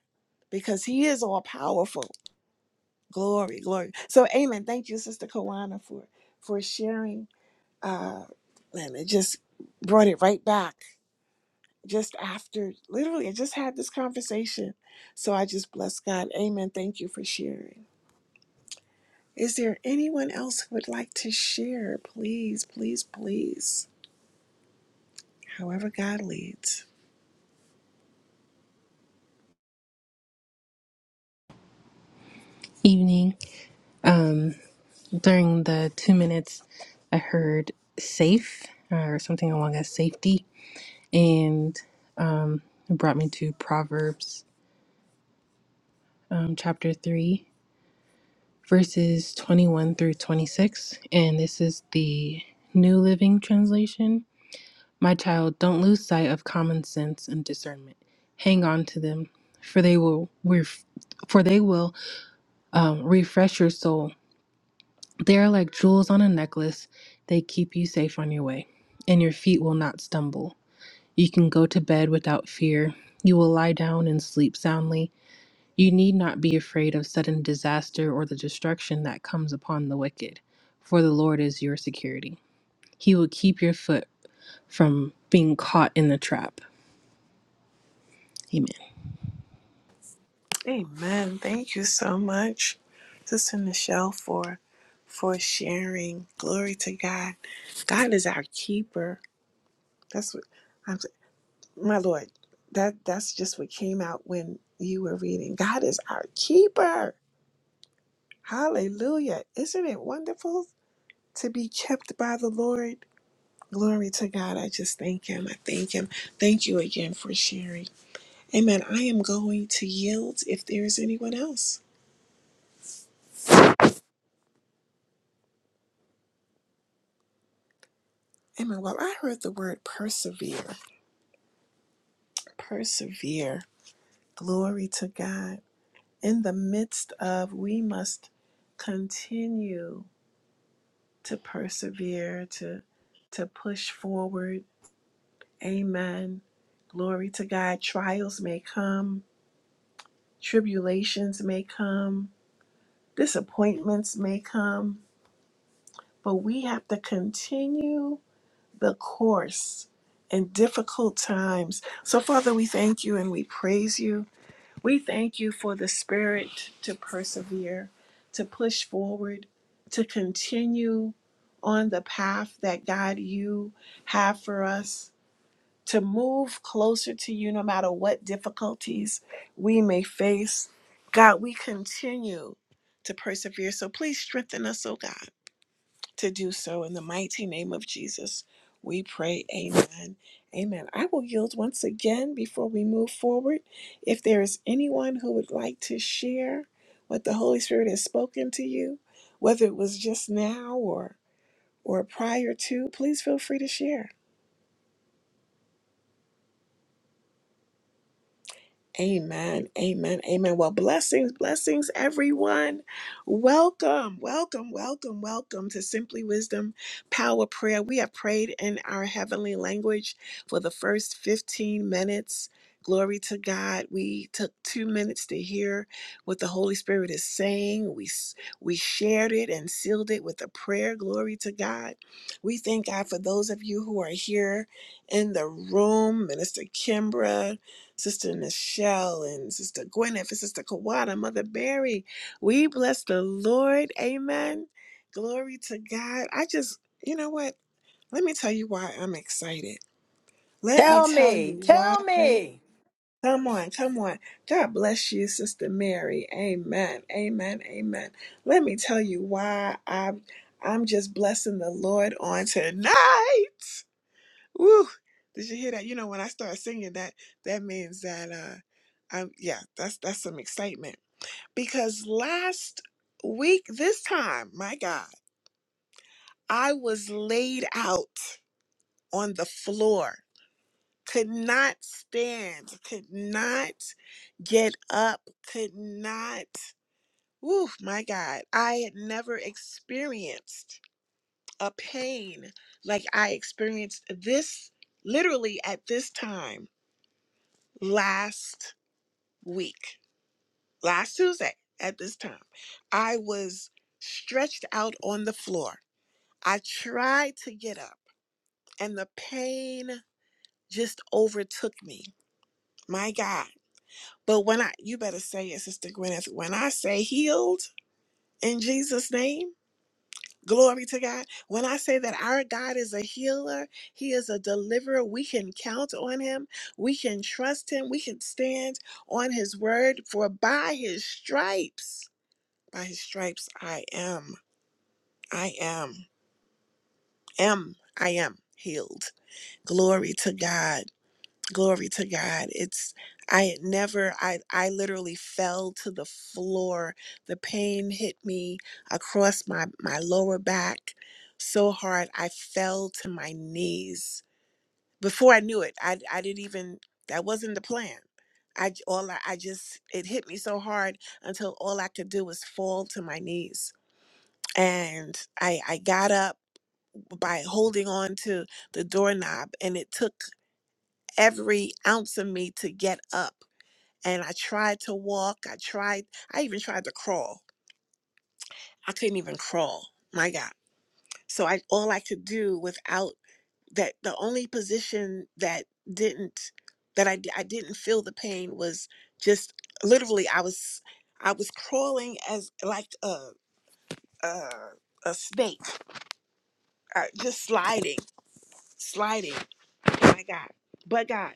[SPEAKER 1] Because he is all powerful. Glory, glory. So amen. Thank you, Sister Kawana, for for sharing. Uh and it just brought it right back just after literally I just had this conversation. So I just bless God. Amen. Thank you for sharing. Is there anyone else who would like to share? Please, please, please. However God leads.
[SPEAKER 5] Evening. Um, during the two minutes, I heard safe uh, or something along as safety, and it brought me to Proverbs um, chapter 3, verses 21 through 26. And this is the New Living Translation. My child, don't lose sight of common sense and discernment. Hang on to them, for they will ref- for they will um, refresh your soul. They are like jewels on a necklace. They keep you safe on your way, and your feet will not stumble. You can go to bed without fear. You will lie down and sleep soundly. You need not be afraid of sudden disaster or the destruction that comes upon the wicked, for the Lord is your security. He will keep your foot from being caught in the trap. Amen.
[SPEAKER 1] Amen. Thank you so much, Sister Michelle, for for sharing. Glory to God. God is our keeper. That's what I'm my Lord. That that's just what came out when you were reading. God is our keeper. Hallelujah. Isn't it wonderful to be kept by the Lord? Glory to God. I just thank Him. I thank Him. Thank you again for sharing. Amen. I am going to yield if there is anyone else. Amen. Well, I heard the word persevere. Persevere. Glory to God. In the midst of, we must continue to persevere, to, to push forward. Amen. Glory to God. Trials may come Tribulations may come, disappointments may come, but we have to continue the course in difficult times. So, Father, we thank you and we praise you. We thank you for the spirit to persevere, to push forward, to continue on the path that God you have for us to move closer to you no matter what difficulties we may face. God, we continue to persevere. So please strengthen us, oh God, to do so. In the mighty name of Jesus, we pray. Amen. Amen. I will yield once again before we move forward. If there is anyone who would like to share what the Holy Spirit has spoken to you, whether it was just now or or prior to, please feel free to share. Amen. Amen. Amen. Well, blessings, blessings, everyone. Welcome, welcome, welcome, welcome to Simply Wisdom Power Prayer. We have prayed in our heavenly language for the first 15 minutes. Glory to God. We took two minutes to hear what the Holy Spirit is saying. We, s- we shared it and sealed it with a prayer. Glory to God. We thank God for those of you who are here in the room, Minister Kimbra. Sister Nichelle and Sister Gwyneth and Sister Kawada, Mother Mary. We bless the Lord. Amen. Glory to God. I just, you know what? Let me tell you why I'm excited. Let me
[SPEAKER 6] Tell
[SPEAKER 1] tell
[SPEAKER 6] me,
[SPEAKER 1] you why.
[SPEAKER 6] tell me.
[SPEAKER 1] Come on, come on. God bless you, Sister Mary. Amen. Amen. Amen. Let me tell you why I'm I'm just blessing the Lord on tonight. Woo! Did you hear that? You know, when I start singing that, that means that uh I'm yeah, that's that's some excitement. Because last week, this time, my God, I was laid out on the floor. Could not stand, could not get up, could not. Woo, my God. I had never experienced a pain like I experienced this literally at this time last week, last Tuesday at this time, I was stretched out on the floor. I tried to get up, and the pain just overtook me. My God. But when I, you better say it, Sister Gwyneth, when I say healed in Jesus' name, glory to God. When I say that our God is a healer, He is a deliverer, we can count on Him, we can trust Him, we can stand on His word, for by His stripes By his stripes I am, I am, am, I am healed. Glory to God. Glory to God. It's I had never I I literally fell to the floor. The pain hit me across my my lower back so hard I fell to my knees. Before I knew it, I I didn't even that wasn't the plan. I j- all I, I just it hit me so hard until all I could do was fall to my knees and I I got up by holding on to the doorknob and it took every ounce of me to get up and I tried to walk I tried I even tried to crawl I couldn't even crawl my god so I all I could do without that the only position that didn't that I I didn't feel the pain was just literally I was I was crawling as like a a, a snake uh, just sliding sliding my God, but God,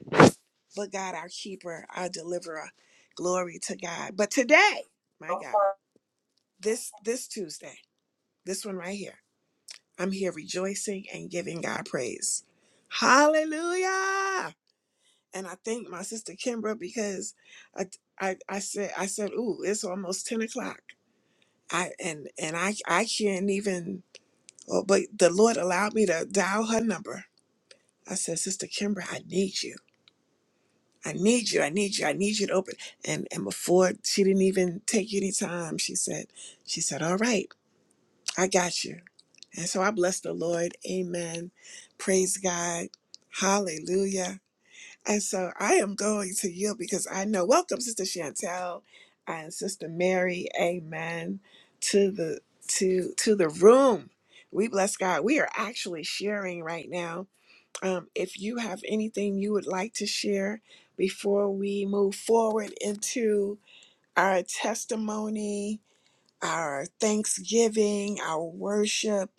[SPEAKER 1] but God, our keeper, our deliverer. Glory to God. But today, my God,
[SPEAKER 7] Alpha
[SPEAKER 1] this this Tuesday, this one right here, I'm here rejoicing and giving God praise. Hallelujah. And I thank my sister Kimbra because I I, I said I said, ooh, it's almost 10 o'clock. I and and I I can't even oh, but the Lord allowed me to dial her number. I said, Sister Kimbra, I need you. I need you. I need you. I need you to open. And and before she didn't even take any time, she said, she said, all right, I got you. And so I bless the Lord. Amen. Praise God. Hallelujah. And so I am going to yield because I know. Welcome, Sister Chantel and Sister Mary. Amen. To the to to the room. We bless God. We are actually sharing right now um, if you have anything you would like to share before we move forward into our testimony, our thanksgiving, our worship,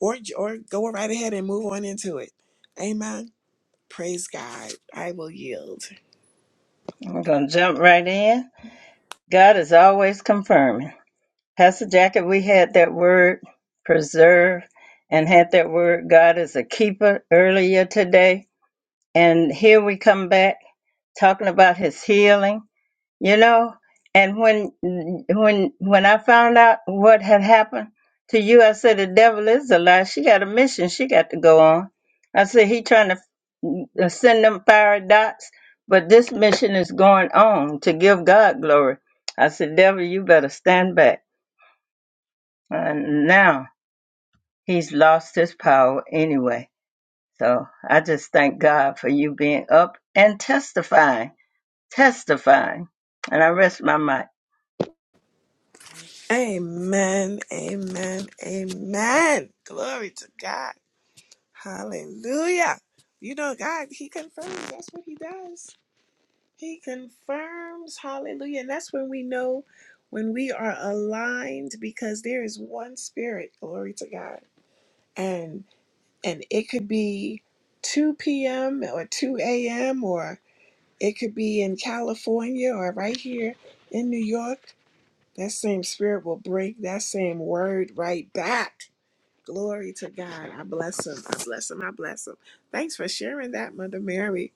[SPEAKER 1] or or go right ahead and move on into it. Amen. Praise God. I will yield.
[SPEAKER 2] I'm going to jump right in. God is always confirming. Pastor Jackie, we had that word preserve and had that word God is a keeper earlier today. And here we come back talking about his healing, you know. And when when when I found out what had happened to you, I said the devil is a lie. She got a mission. She got to go on. I said he trying to uh, send them fiery dots, but this mission is going on to give God glory. I said, devil, you better stand back. And now he's lost his power anyway. So I just thank God for you being up and testifying testifying. And I rest my mic.
[SPEAKER 1] Amen. Amen. Amen. Glory to God. Hallelujah. You know, God, He confirms. That's what He does. He confirms. Hallelujah. And that's when we know when we are aligned because there is one spirit. Glory to God. And and it could be 2 p.m. or 2 a.m. or it could be in California or right here in New York. That same spirit will bring that same word right back. Glory to God. I bless him. I bless him. I bless him. Thanks for sharing that, Mother Mary.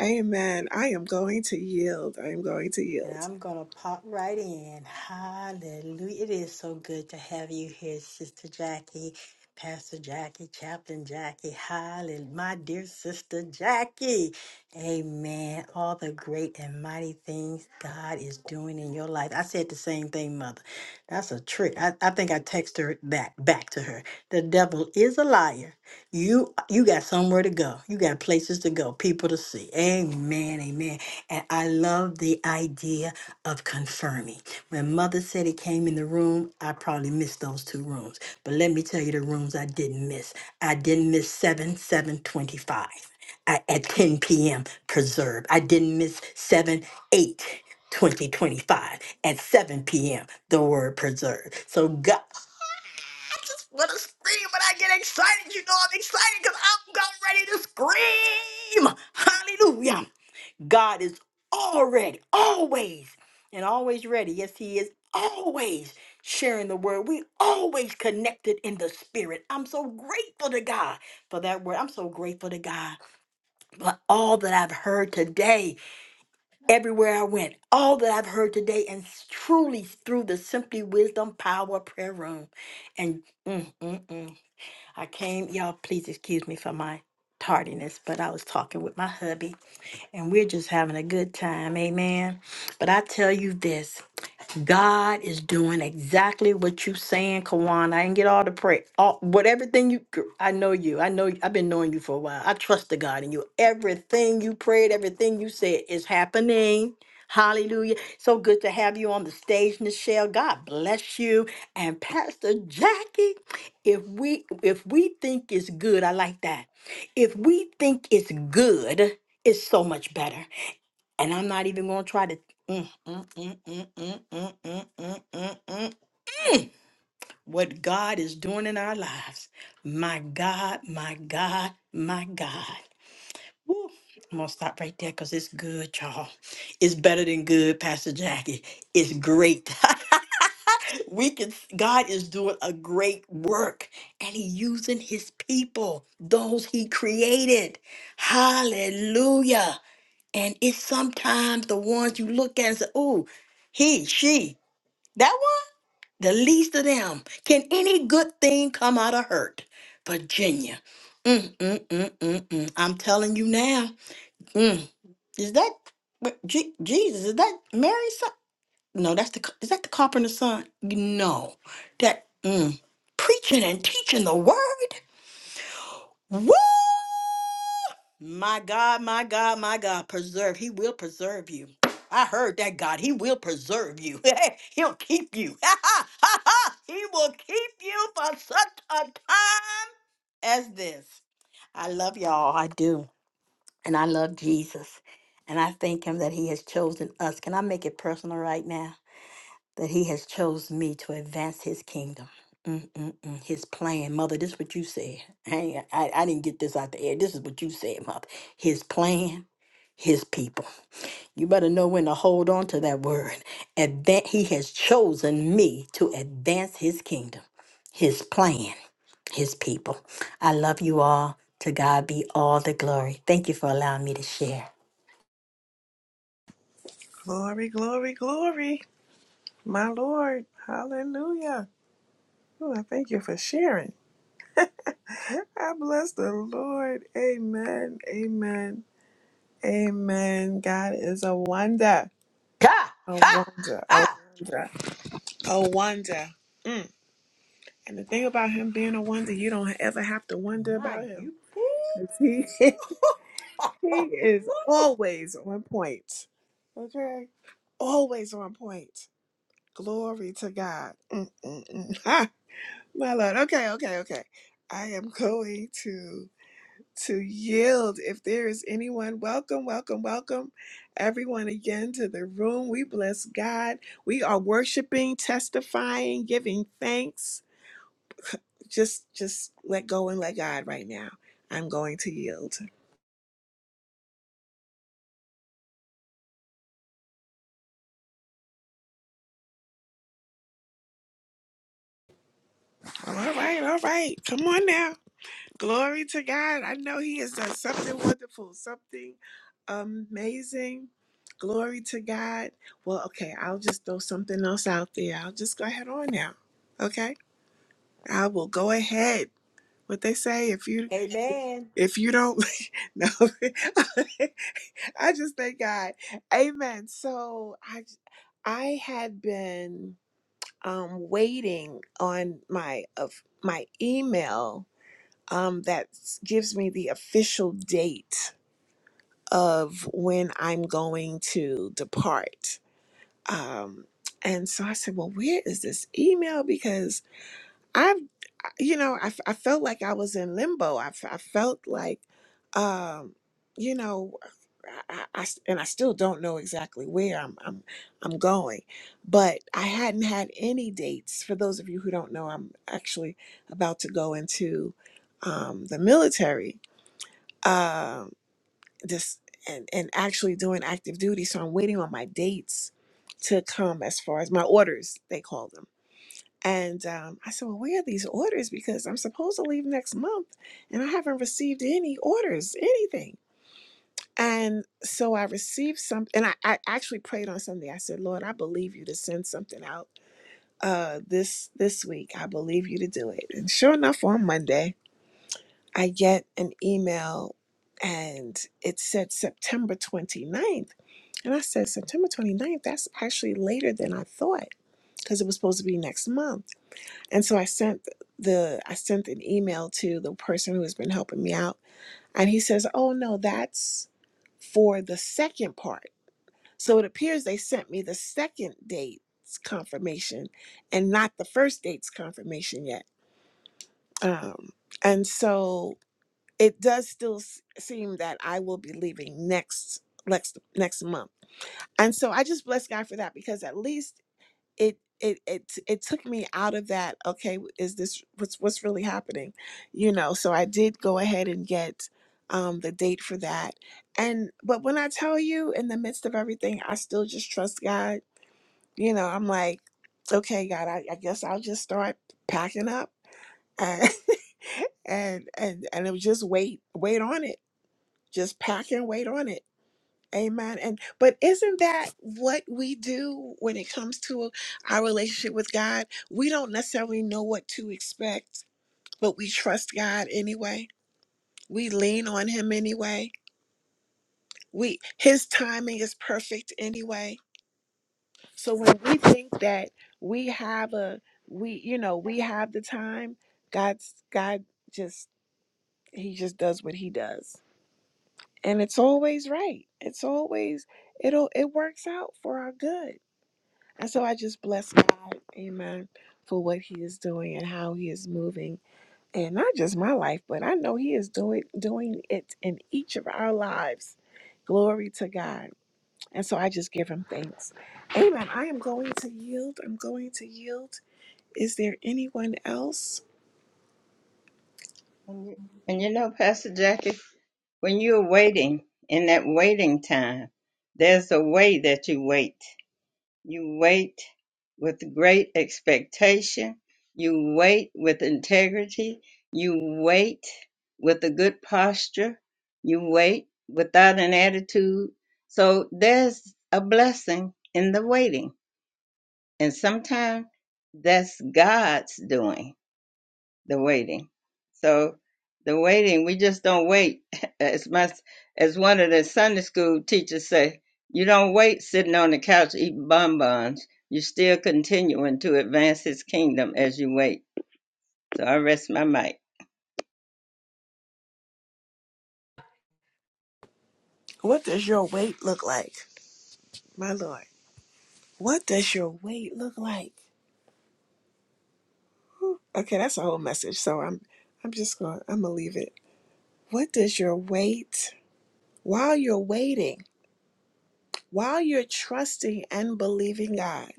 [SPEAKER 1] Amen. I am going to yield. I am going to
[SPEAKER 6] And
[SPEAKER 1] yield.
[SPEAKER 6] I'm going to pop right in. Hallelujah. It is so good to have you here, Sister Jackie, Pastor Jackie, Chaplain Jackie. Hallelujah. My dear Sister Jackie. Amen. All the great and mighty things God is doing in your life. I said the same thing, Mother. That's a trick. I, I think I texted her back, back to her. The devil is a liar. You you got somewhere to go. You got places to go, people to see. Amen, amen. And I love the idea of confirming. When mother said it came in the room, I probably missed those two rooms. But let me tell you the rooms I didn't miss. I didn't miss 7 725 at 10 p.m. preserve. I didn't miss 7 2025 at 7 p.m. the word preserve. So God just want to scream when I get excited. You know I'm excited because I'm got ready to scream. Hallelujah. God is already, always, and always ready. Yes, He is always sharing the word. We always connected in the spirit. I'm so grateful to God for that word. I'm so grateful to God for all that I've heard today, everywhere I went, all that I've heard today, and truly through the Simply Wisdom Power Prayer Room. And mm, mm, mm. I came, y'all, please excuse me for my tardiness, but I was talking with my hubby and we're just having a good time. Amen. But I tell you this. God is doing exactly what you saying, Kawan. I didn't get all the prayer, all what everything you. I know you. I know I've been knowing you for a while. I trust the God in you. Everything you prayed, everything you said is happening. Hallelujah. So good to have you on the stage, Nichelle. God bless you. And Pastor Jackie, if we if we think it's good, I like that. If we think it's good, it's so much better. And I'm not even going to try to. Mm, mm, mm, mm, mm, mm, mm, mm, mm, mm. What God is doing in our lives. My God, my God, my God. Woo. I'm going to stop right there because it's good, y'all. It's better than good, Pastor Jackie. It's great. we can, God is doing a great work and He using His people, those He created. Hallelujah. And it's sometimes the ones you look at and say, "Ooh, he, she, that one, the least of them. Can any good thing come out of hurt? Virginia. Mm, mm, mm, mm, mm. I'm telling you now. Mm. Is that what, Je- Jesus? Is that Mary's son? No, that's the, ca- is that the carpenter's son? No. That, mm. Preaching and teaching the word? Woo! My God, my God, my God, preserve. He will preserve you. I heard that God. He will preserve you. He'll keep you. he will keep you for such a time as this. I love y'all. I do. And I love Jesus. And I thank him that he has chosen us. Can I make it personal right now? that he has chose me to advance his kingdom. Mm-mm-mm, his plan, mother. This is what you said. I, ain't- I I didn't get this out the air. This is what you said, mother. His plan, his people. You better know when to hold on to that word. Advan- he has chosen me to advance his kingdom, his plan, his people. I love you all. To God be all the glory. Thank you for allowing me to share.
[SPEAKER 1] Glory, glory, glory. My Lord. Hallelujah. Ooh, I thank you for sharing. I bless the Lord. Amen. Amen. Amen. God is a wonder.
[SPEAKER 6] Ha!
[SPEAKER 1] A
[SPEAKER 6] Ha!
[SPEAKER 1] wonder. A
[SPEAKER 6] Ha!
[SPEAKER 1] wonder. A wonder. Mm. And the thing about him being a wonder, you don't ever have to wonder
[SPEAKER 6] My,
[SPEAKER 1] about him.
[SPEAKER 6] you.
[SPEAKER 1] Because he, he is always on point. Okay? Always on point. Glory to God. Mm-mm-mm. My lord. Okay, okay, okay. I am going to to yield if there is anyone. Welcome, welcome, welcome everyone again to the room. We bless God. We are worshiping, testifying, giving thanks. Just just let go and let God right now. I'm going to yield. All right, all right. Come on now. Glory to God. I know He has done something wonderful, something amazing. Glory to God. Well, okay, I'll just throw something else out there. I'll just go ahead on now. Okay? I will go ahead. What they say, if you
[SPEAKER 6] Amen.
[SPEAKER 1] if you don't no I just thank God. Amen. So I I had been um waiting on my of my email um, that s- gives me the official date of when I'm going to depart. Um, and so I said, well, where is this email? Because I've, you know, I, f- I felt like I was in limbo. I, f- I felt like, um, you know, I, I, I s- and I still don't know exactly where I'm, I'm, I'm going, but I hadn't had any dates. For those of you who don't know, I'm actually about to go into um, the military um this and and actually doing active duty so i'm waiting on my dates to come as far as my orders they call them and um, i said well where are these orders because i'm supposed to leave next month and i haven't received any orders anything and so i received some and i, I actually prayed on sunday i said lord i believe you to send something out uh this this week i believe you to do it and sure enough on monday I get an email and it said September 29th. And I said, September 29th, that's actually later than I thought because it was supposed to be next month. And so I sent the I sent an email to the person who has been helping me out and he says, "Oh no, that's for the second part." So it appears they sent me the second date's confirmation and not the first date's confirmation yet. Um and so it does still s- seem that I will be leaving next next next month. And so I just bless God for that because at least it it it it took me out of that okay is this what's what's really happening you know so I did go ahead and get um the date for that and but when I tell you in the midst of everything I still just trust God you know I'm like okay God I, I guess I'll just start packing up and and and and it was just wait wait on it just pack and wait on it amen and but isn't that what we do when it comes to our relationship with god we don't necessarily know what to expect but we trust god anyway we lean on him anyway we his timing is perfect anyway so when we think that we have a we you know we have the time god's god just he just does what he does and it's always right. It's always it'll it works out for our good. And so I just bless God, Amen, for what He is doing and how He is moving, and not just my life, but I know He is doing doing it in each of our lives. Glory to God. And so I just give Him thanks, Amen. I am going to yield. I'm going to yield. Is there anyone else?
[SPEAKER 2] And you, and you know, Pastor Jackie, when you're waiting in that waiting time, there's a way that you wait. You wait with great expectation. You wait with integrity. You wait with a good posture. You wait without an attitude. So there's a blessing in the waiting. And sometimes that's God's doing the waiting. So the waiting, we just don't wait. As much as one of the Sunday school teachers say, you don't wait sitting on the couch eating bonbons. You're still continuing to advance his kingdom as you wait. So I rest my mic.
[SPEAKER 1] What does your weight look like, my Lord? What does your weight look like? Okay, that's a whole message. So I'm I'm just going to I'm gonna leave it. What does your wait while you're waiting, while you're trusting and believing God,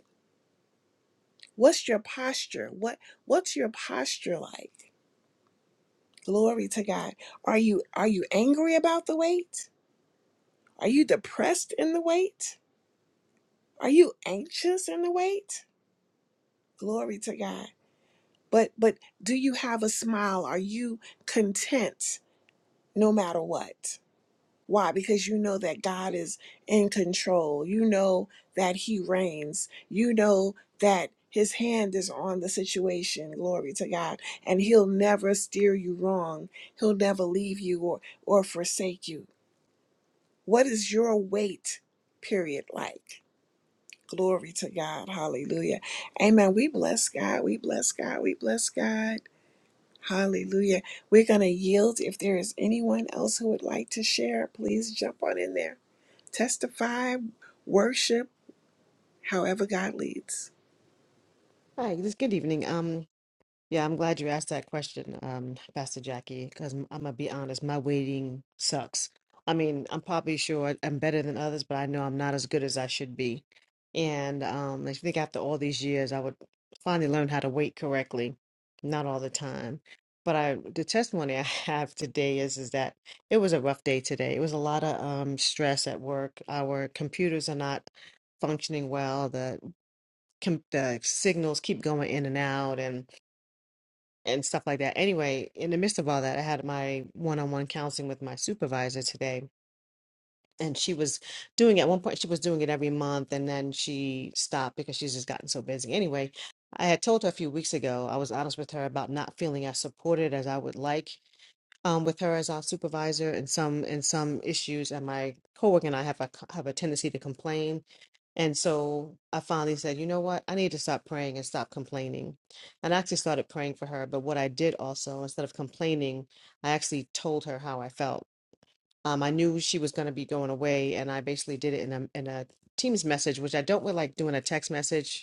[SPEAKER 1] what's your posture? What what's your posture like? Glory to God. Are you are you angry about the wait? Are you depressed in the wait? Are you anxious in the wait? Glory to God. But but do you have a smile? Are you content no matter what? Why? Because you know that God is in control. You know that He reigns. You know that His hand is on the situation. Glory to God. And He'll never steer you wrong, He'll never leave you or, or forsake you. What is your wait period like? Glory to God. Hallelujah. Amen. We bless God. We bless God. We bless God. Hallelujah. We're going to yield. If there is anyone else who would like to share, please jump on in there testify, worship, however God leads.
[SPEAKER 4] this good evening. Um, Yeah, I'm glad you asked that question, um, Pastor Jackie, because I'm, gonna be honest, my waiting sucks. I mean, I'm probably sure I- I'm better than others, but I know I'm not as good as I should be. And um, I think after all these years, I would finally learn how to wait correctly, not all the time. But I, the testimony I have today is is that it was a rough day today. It was a lot of um, stress at work. Our computers are not functioning well. The com the signals keep going in and out, and and stuff like that. Anyway, in the midst of all that, I had my one-on-one counseling with my supervisor today, and she was doing at one point she was doing it every month, and then she stopped because she's just gotten so busy. Anyway, I had told her a few weeks ago I was honest with her about not feeling as supported as I would like um, with her as our supervisor, and some and some issues. And my coworker and I have a have a tendency to complain and so I finally said, you know what? I need to stop praying and stop complaining. And I actually started praying for her. But what I did also, instead of complaining, I actually told her how I felt. Um, I knew she was going to be going away, and I basically did it in a in a Teams message, which I don't really like doing a text message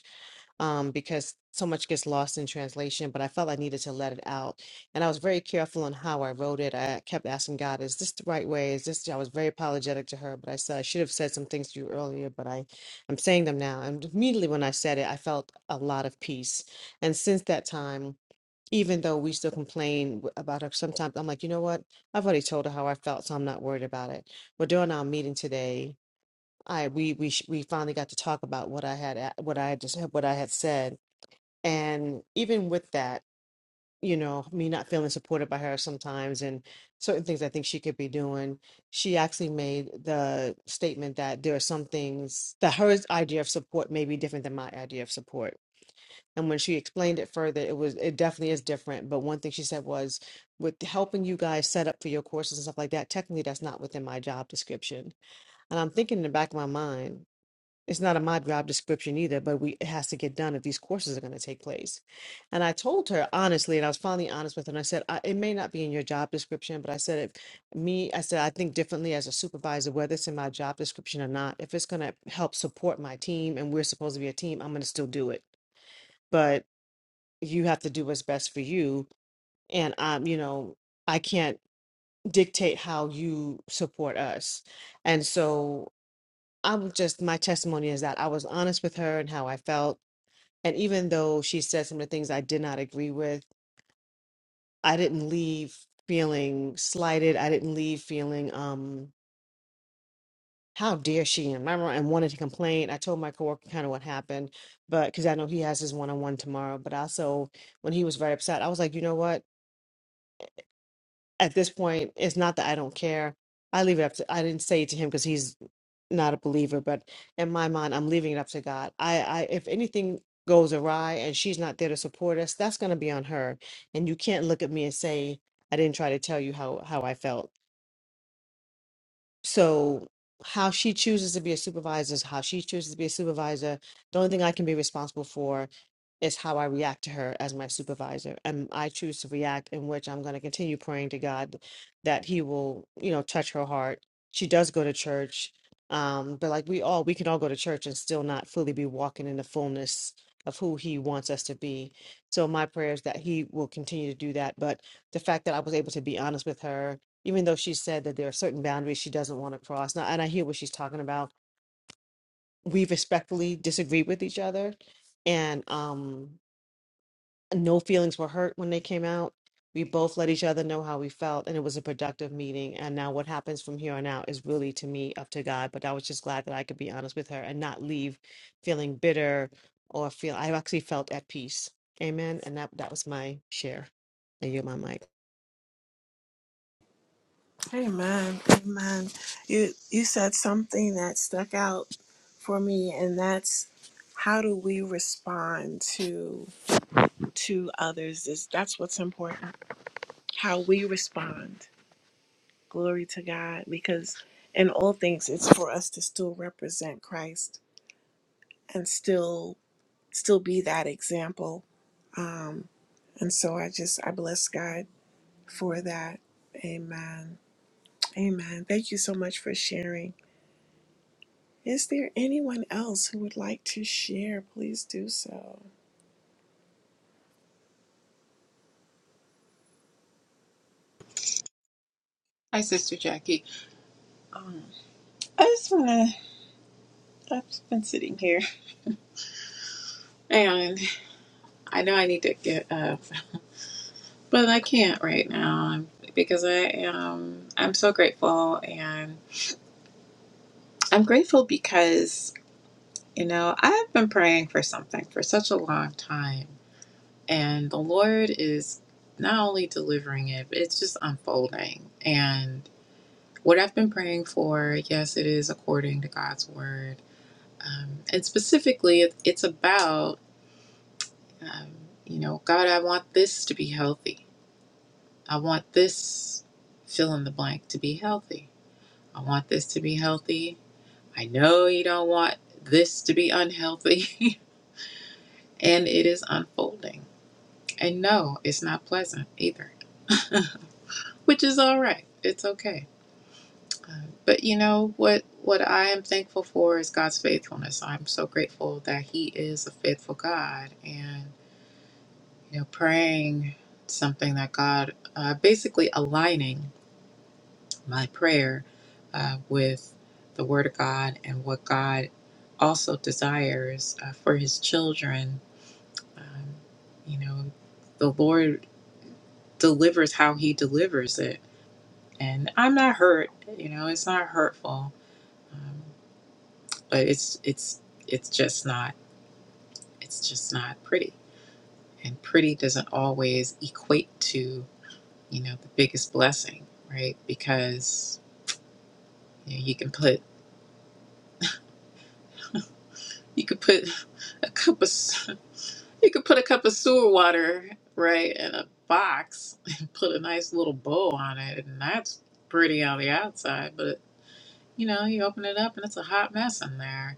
[SPEAKER 4] um, because so much gets lost in translation, but I felt I needed to let it out. And I was very careful on how I wrote it. I kept asking God, is this the right way? Is this, I was very apologetic to her, but I said, I should have said some things to you earlier, but I, I'm saying them now. And immediately when I said it, I felt a lot of peace. And since that time, even though we still complain w- about her sometimes, I'm like, you know what? I've already told her how I felt, so I'm not worried about it. But during our meeting today, I we we sh- we finally got to talk about what I had a- what I had just what I had said, and even with that you know me not feeling supported by her sometimes and certain things i think she could be doing she actually made the statement that there are some things that her idea of support may be different than my idea of support and when she explained it further it was it definitely is different but one thing she said was with helping you guys set up for your courses and stuff like that technically that's not within my job description and i'm thinking in the back of my mind it's not in my job description either, but we it has to get done if these courses are going to take place. And I told her honestly, and I was finally honest with her, and I said, I, it may not be in your job description, but I said, if me, I said, I think differently as a supervisor, whether it's in my job description or not. If it's going to help support my team and we're supposed to be a team, I'm going to still do it. But you have to do what's best for you. And um, you know, I can't dictate how you support us. And so I was just, my testimony is that I was honest with her and how I felt and even though she said some of the things I did not agree with, I didn't leave feeling slighted. I didn't leave feeling, um, how dare she? And remember, and wanted to complain. I told my coworker kind of what happened, but because I know he has his one-on-one tomorrow. But also, when he was very upset, I was like, you know what? At this point, it's not that I don't care. I leave it up to. I didn't say it to him because he's not a believer, but in my mind, I'm leaving it up to God. I, I if anything goes awry and she's not there to support us, that's going to be on her. And you can't look at me and say I didn't try to tell you how how I felt. So how she chooses to be a supervisor is how she chooses to be a supervisor. The only thing I can be responsible for is how I react to her as my supervisor. And I choose to react in which I'm going to continue praying to God that he will, you know, touch her heart. She does go to church. Um, but like we all, we can all go to church and still not fully be walking in the fullness of who he wants us to be. So my prayer is that he will continue to do that. But the fact that I was able to be honest with her even though she said that there are certain boundaries she doesn't want to cross. Now, and I hear what she's talking about. We respectfully disagreed with each other, and um, no feelings were hurt when they came out. We both let each other know how we felt, and it was a productive meeting. And now, what happens from here on out is really to me up to God. But I was just glad that I could be honest with her and not leave feeling bitter or feel I actually felt at peace. Amen. And that that was my share. And you, my mic.
[SPEAKER 1] Amen. Amen. You you said something that stuck out for me and that's how do we respond to to others is that's what's important. How we respond. Glory to God because in all things it's for us to still represent Christ and still still be that example. Um and so I just I bless God for that. Amen. Amen. Thank you so much for sharing. Is there anyone else who would like to share? Please do so.
[SPEAKER 3] Hi, Sister Jackie. Um, I just want to. I've been sitting here, and I know I need to get up, but I can't right now um, because I am. I'm so grateful, and I'm grateful because you know I've been praying for something for such a long time, And the Lord is not only delivering it, but it's just unfolding. And what I've been praying for, yes, it is according to God's word. Um, and specifically, it- it's about, um, you know, God, I want this to be healthy. I want this fill in the blank to be healthy. I want this to be healthy. I know you don't want this to be unhealthy. and it is unfolding. And no, it's not pleasant either, which is all right. It's okay But you know what what I am thankful for is God's faithfulness. I'm so grateful that he is a faithful God and you know praying something that God uh, basically aligning my prayer uh, with the word of God and what God also desires uh, for his children. Um, you know, the Lord delivers how he delivers it. And I'm not hurt, you know, it's not hurtful. Um, but it's it's it's just not it's just not pretty and pretty doesn't always equate to you know the biggest blessing right because you, know, you can put you could put a cup of you could put a cup of sewer water right in a box and put a nice little bow on it and that's pretty on the outside but you know you open it up and it's a hot mess in there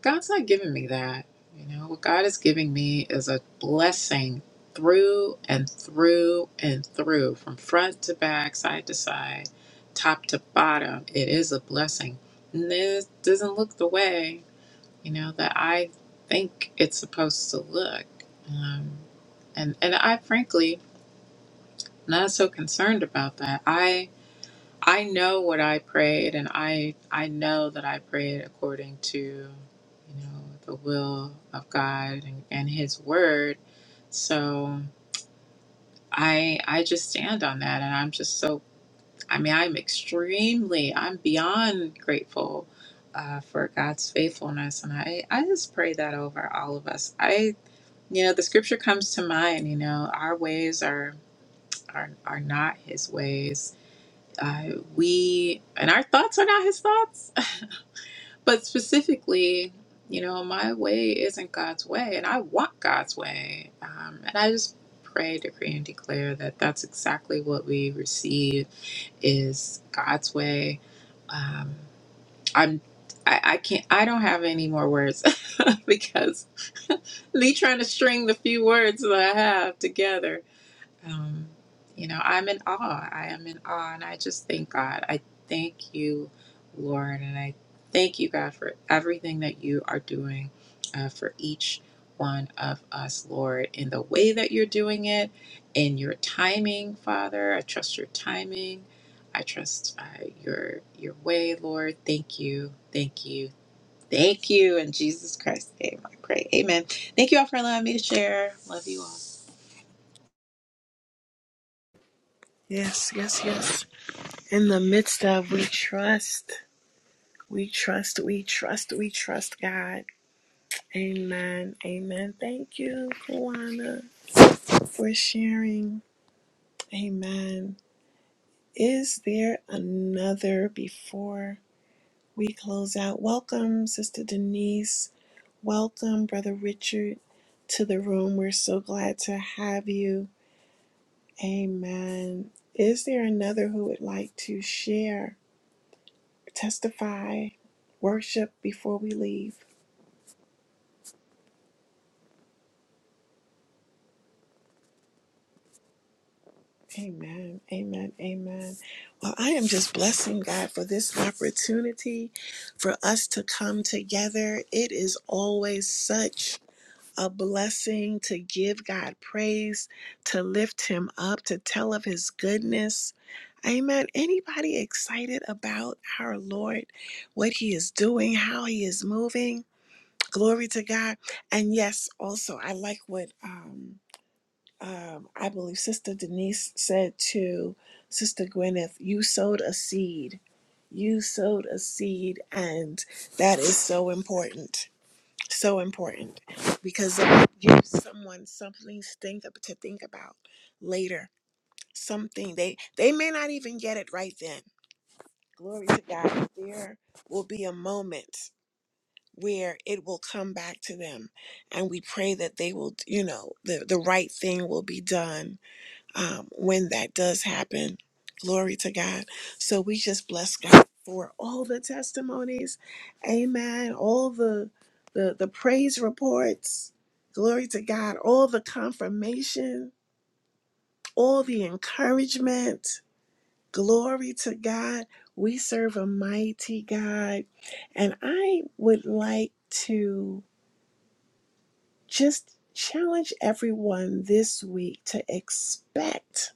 [SPEAKER 3] God's not giving me that. You know, what God is giving me is a blessing through and through and through, from front to back, side to side, top to bottom. It is a blessing. And this doesn't look the way, you know, that I think it's supposed to look. Um, and, and I frankly, not so concerned about that. I. I know what I prayed, and I I know that I prayed according to, you know, the will of God and, and His Word. So I I just stand on that, and I'm just so I mean I'm extremely I'm beyond grateful uh, for God's faithfulness, and I I just pray that over all of us. I you know the scripture comes to mind. You know our ways are are are not His ways uh, we and our thoughts are not his thoughts but specifically you know my way isn't god's way and i want god's way um, and i just pray decree and declare that that's exactly what we receive is god's way um, i'm I, I can't i don't have any more words because me trying to string the few words that i have together um, you know, I'm in awe. I am in awe. And I just thank God. I thank you, Lord. And I thank you, God, for everything that you are doing uh, for each one of us, Lord, in the way that you're doing it, in your timing, Father. I trust your timing. I trust uh, your your way, Lord. Thank you, thank you, thank you. In Jesus Christ's name, I pray. Amen. Thank you all for allowing me to share. Love you all.
[SPEAKER 1] Yes, yes, yes. In the midst of, we trust, we trust, we trust, we trust God. Amen. Amen. Thank you, Kawana, for sharing. Amen. Is there another before we close out? Welcome, Sister Denise. Welcome, Brother Richard, to the room. We're so glad to have you. Amen. Is there another who would like to share, testify, worship before we leave? Amen. Amen. Amen. Well, I am just blessing God for this opportunity for us to come together. It is always such a blessing to give God praise, to lift him up, to tell of his goodness. Amen. Anybody excited about our Lord, what he is doing, how he is moving? Glory to God. And yes, also, I like what um, um, I believe Sister Denise said to Sister Gwyneth you sowed a seed. You sowed a seed, and that is so important so important because it gives someone something to think, ab- to think about later. Something they they may not even get it right then. Glory to God. There will be a moment where it will come back to them, and we pray that they will, you know, the the right thing will be done um, when that does happen. Glory to God. So we just bless God for all the testimonies. Amen. All the the, the praise reports. Glory to God. All the confirmation, all the encouragement. Glory to God. We serve a mighty God. And I would like to just challenge everyone this week to expect,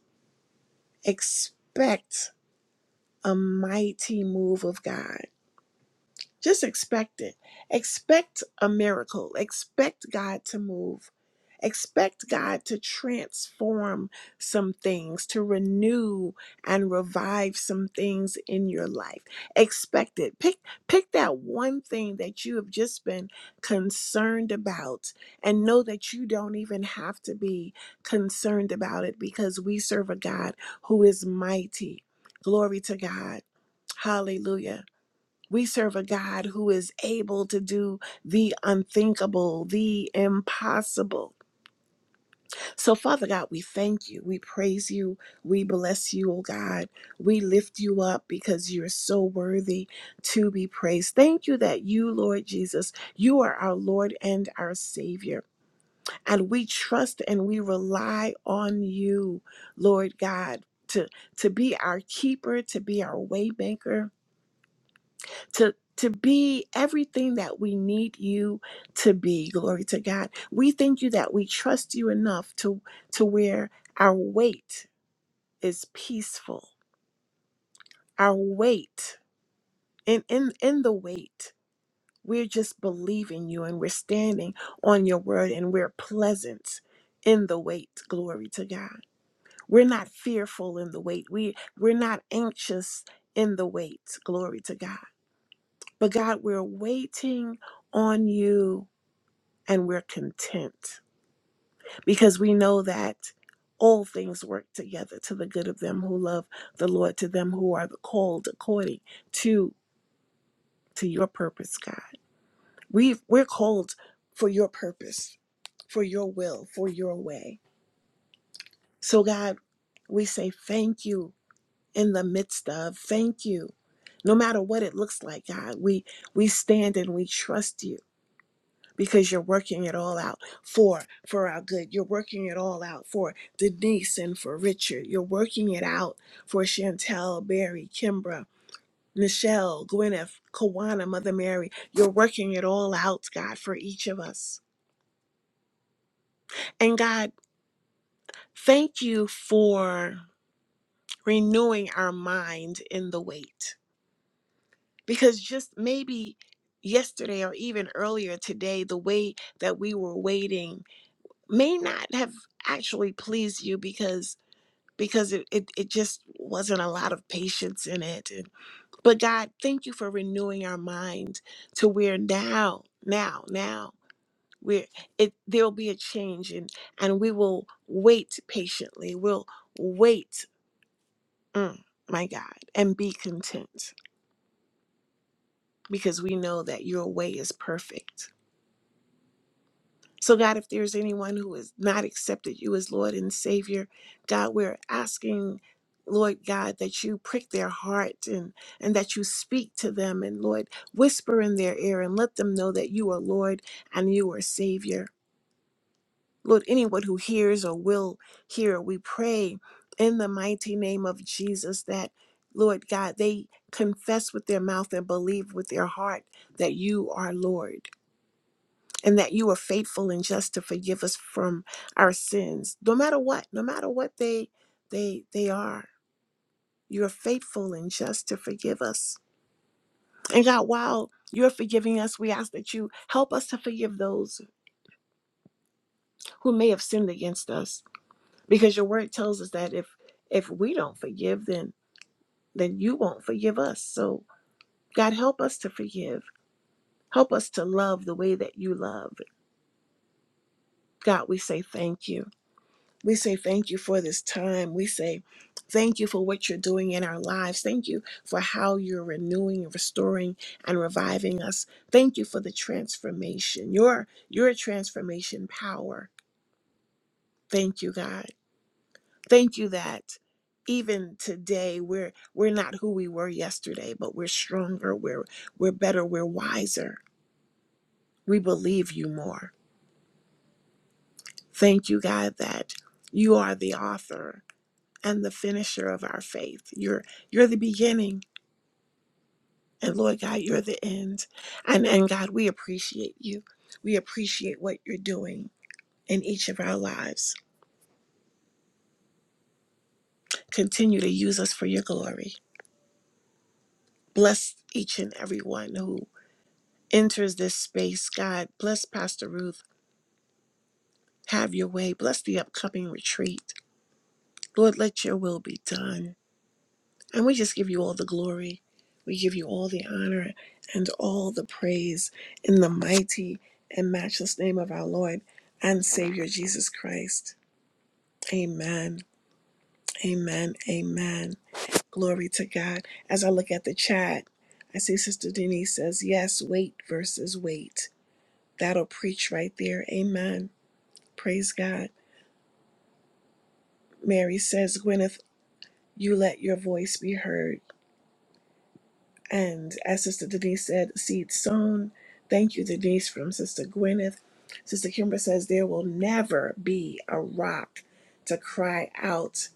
[SPEAKER 1] expect a mighty move of God. Just expect it. Expect a miracle. Expect God to move. Expect God to transform some things, to renew and revive some things in your life. Expect it. Pick pick that one thing that you have just been concerned about and know that you don't even have to be concerned about it because we serve a God who is mighty. Glory to God Hallelujah. We serve a God who is able to do the unthinkable, the impossible. So, Father God, we thank you. We praise you. We bless you, oh God. We lift you up because you're so worthy to be praised. Thank you that you, Lord Jesus, you are our Lord and our Savior. And we trust and we rely on you, Lord God, to, to be our keeper, to be our waymaker to to be everything that we need you to be glory to god we thank you that we trust you enough to to where our weight is peaceful our weight and in in the weight we're just believing you and we're standing on your word and we're pleasant in the weight glory to god we're not fearful in the weight we we're not anxious in the weight glory to god but god we're waiting on you and we're content because we know that all things work together to the good of them who love the Lord, to them who are called according to to your purpose, God. We we're called for your purpose, for your will, for your way. So God, we say thank you in the midst of thank you. No matter what it looks like, God, we we stand and we trust you because you're working it all out for for our good you're working it all out for denise and for richard you're working it out for chantel barry kimbra michelle gwyneth kawana mother mary you're working it all out god for each of us and god thank you for renewing our mind in the wait because just maybe yesterday or even earlier today the way that we were waiting may not have actually pleased you because because it, it, it just wasn't a lot of patience in it and, but god thank you for renewing our mind to where now now now we're it there'll be a change and and we will wait patiently we'll wait mm, my god and be content because we know that your way is perfect So, God, if there's anyone who has not accepted you as Lord and Savior, God, we're asking, Lord God, that you prick their heart and, and that you speak to them and, Lord, whisper in their ear and let them know that you are Lord and you are Savior. Lord, anyone who hears or will hear, we pray in the mighty name of Jesus that, Lord God, they confess with their mouth and believe with their heart that you are Lord and that you are faithful and just to forgive us from our sins no matter what no matter what they they they are you're faithful and just to forgive us and god while you're forgiving us we ask that you help us to forgive those who may have sinned against us because your word tells us that if if we don't forgive then then you won't forgive us so god help us to forgive help us to love the way that you love god we say thank you We say thank you for this time. We say thank you for what you're doing in our lives. Thank you for how you're renewing and restoring and reviving us. Thank you for the transformation, your, your transformation power. Thank you, God. Thank you that even today we're we're not who we were yesterday, but we're stronger, we're we're better, we're wiser. We believe you more. Thank you, God, that you are the author and the finisher of our faith. You're you're the beginning and Lord God, you're the end. And and God, we appreciate you. We appreciate what you're doing in each of our lives. Continue to use us for your glory. Bless each and every one who enters this space, God. Bless Pastor Ruth. Have your way. Bless the upcoming retreat. Lord, let your will be done. And we just give you all the glory. We give you all the honor and all the praise in the mighty and matchless name of our Lord and Savior Jesus Christ. Amen. Amen. Amen. Glory to God. As I look at the chat, I see Sister Denise says, Yes, wait versus wait. That'll preach right there. Amen. Praise God. Mary says, Gwyneth, you let your voice be heard. And as Sister Denise said, seed sown. Thank you, Denise, from Sister Gwyneth. Sister Kimber says, There will never be a rock to cry out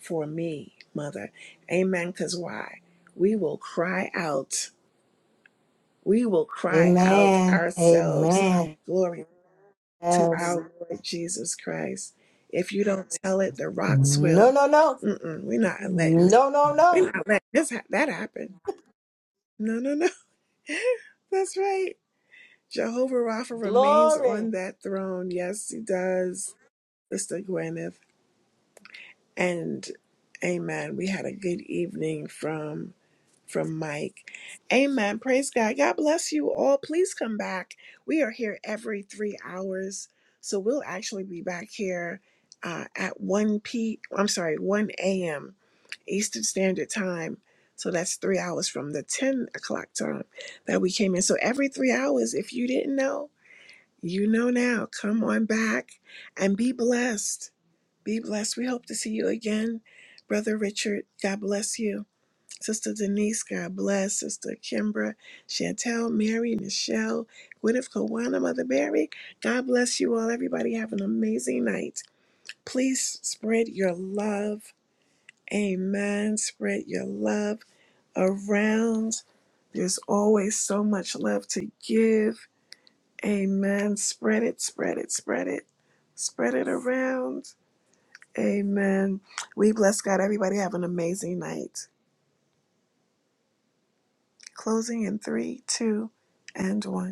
[SPEAKER 1] for me, Mother. Amen. Because why? We will cry out. We will cry out
[SPEAKER 6] Amen.
[SPEAKER 1] ourselves.
[SPEAKER 6] Amen.
[SPEAKER 1] Glory to
[SPEAKER 6] Yes.
[SPEAKER 1] our Lord Jesus Christ. If you don't tell it, the rocks
[SPEAKER 6] No,
[SPEAKER 1] will.
[SPEAKER 6] no, no.
[SPEAKER 1] Mm-mm, we're not letting it.
[SPEAKER 6] No, no, no.
[SPEAKER 1] We're not letting this ha- that happen. No, no, no. That's right. Jehovah Rapha remains
[SPEAKER 6] Glory.
[SPEAKER 1] on that throne. Yes, he does, Sister Gwyneth. And amen. We had a good evening from from Mike. Amen. Praise God. God bless you all. Please come back. We are here every three hours. So we'll actually be back here uh, at 1 p. I'm sorry, 1 a.m. Eastern Standard Time. So that's three hours from the 10 o'clock time that we came in. So every three hours, if you didn't know, you know now. Come on back and be blessed. Be blessed. We hope to see you again. Brother Richard, God bless you. Sister Denise, God bless. Sister Kimbra, Chantel, Mary, Michelle, Gwyneth Kawana, Mother Mary, God bless you all. Everybody have an amazing night. Please spread your love. Amen. Spread your love around. There's always so much love to give Amen. Spread it, spread it, spread it, spread it around. Amen. We bless God. Everybody have an amazing night. Closing in three, two, and one.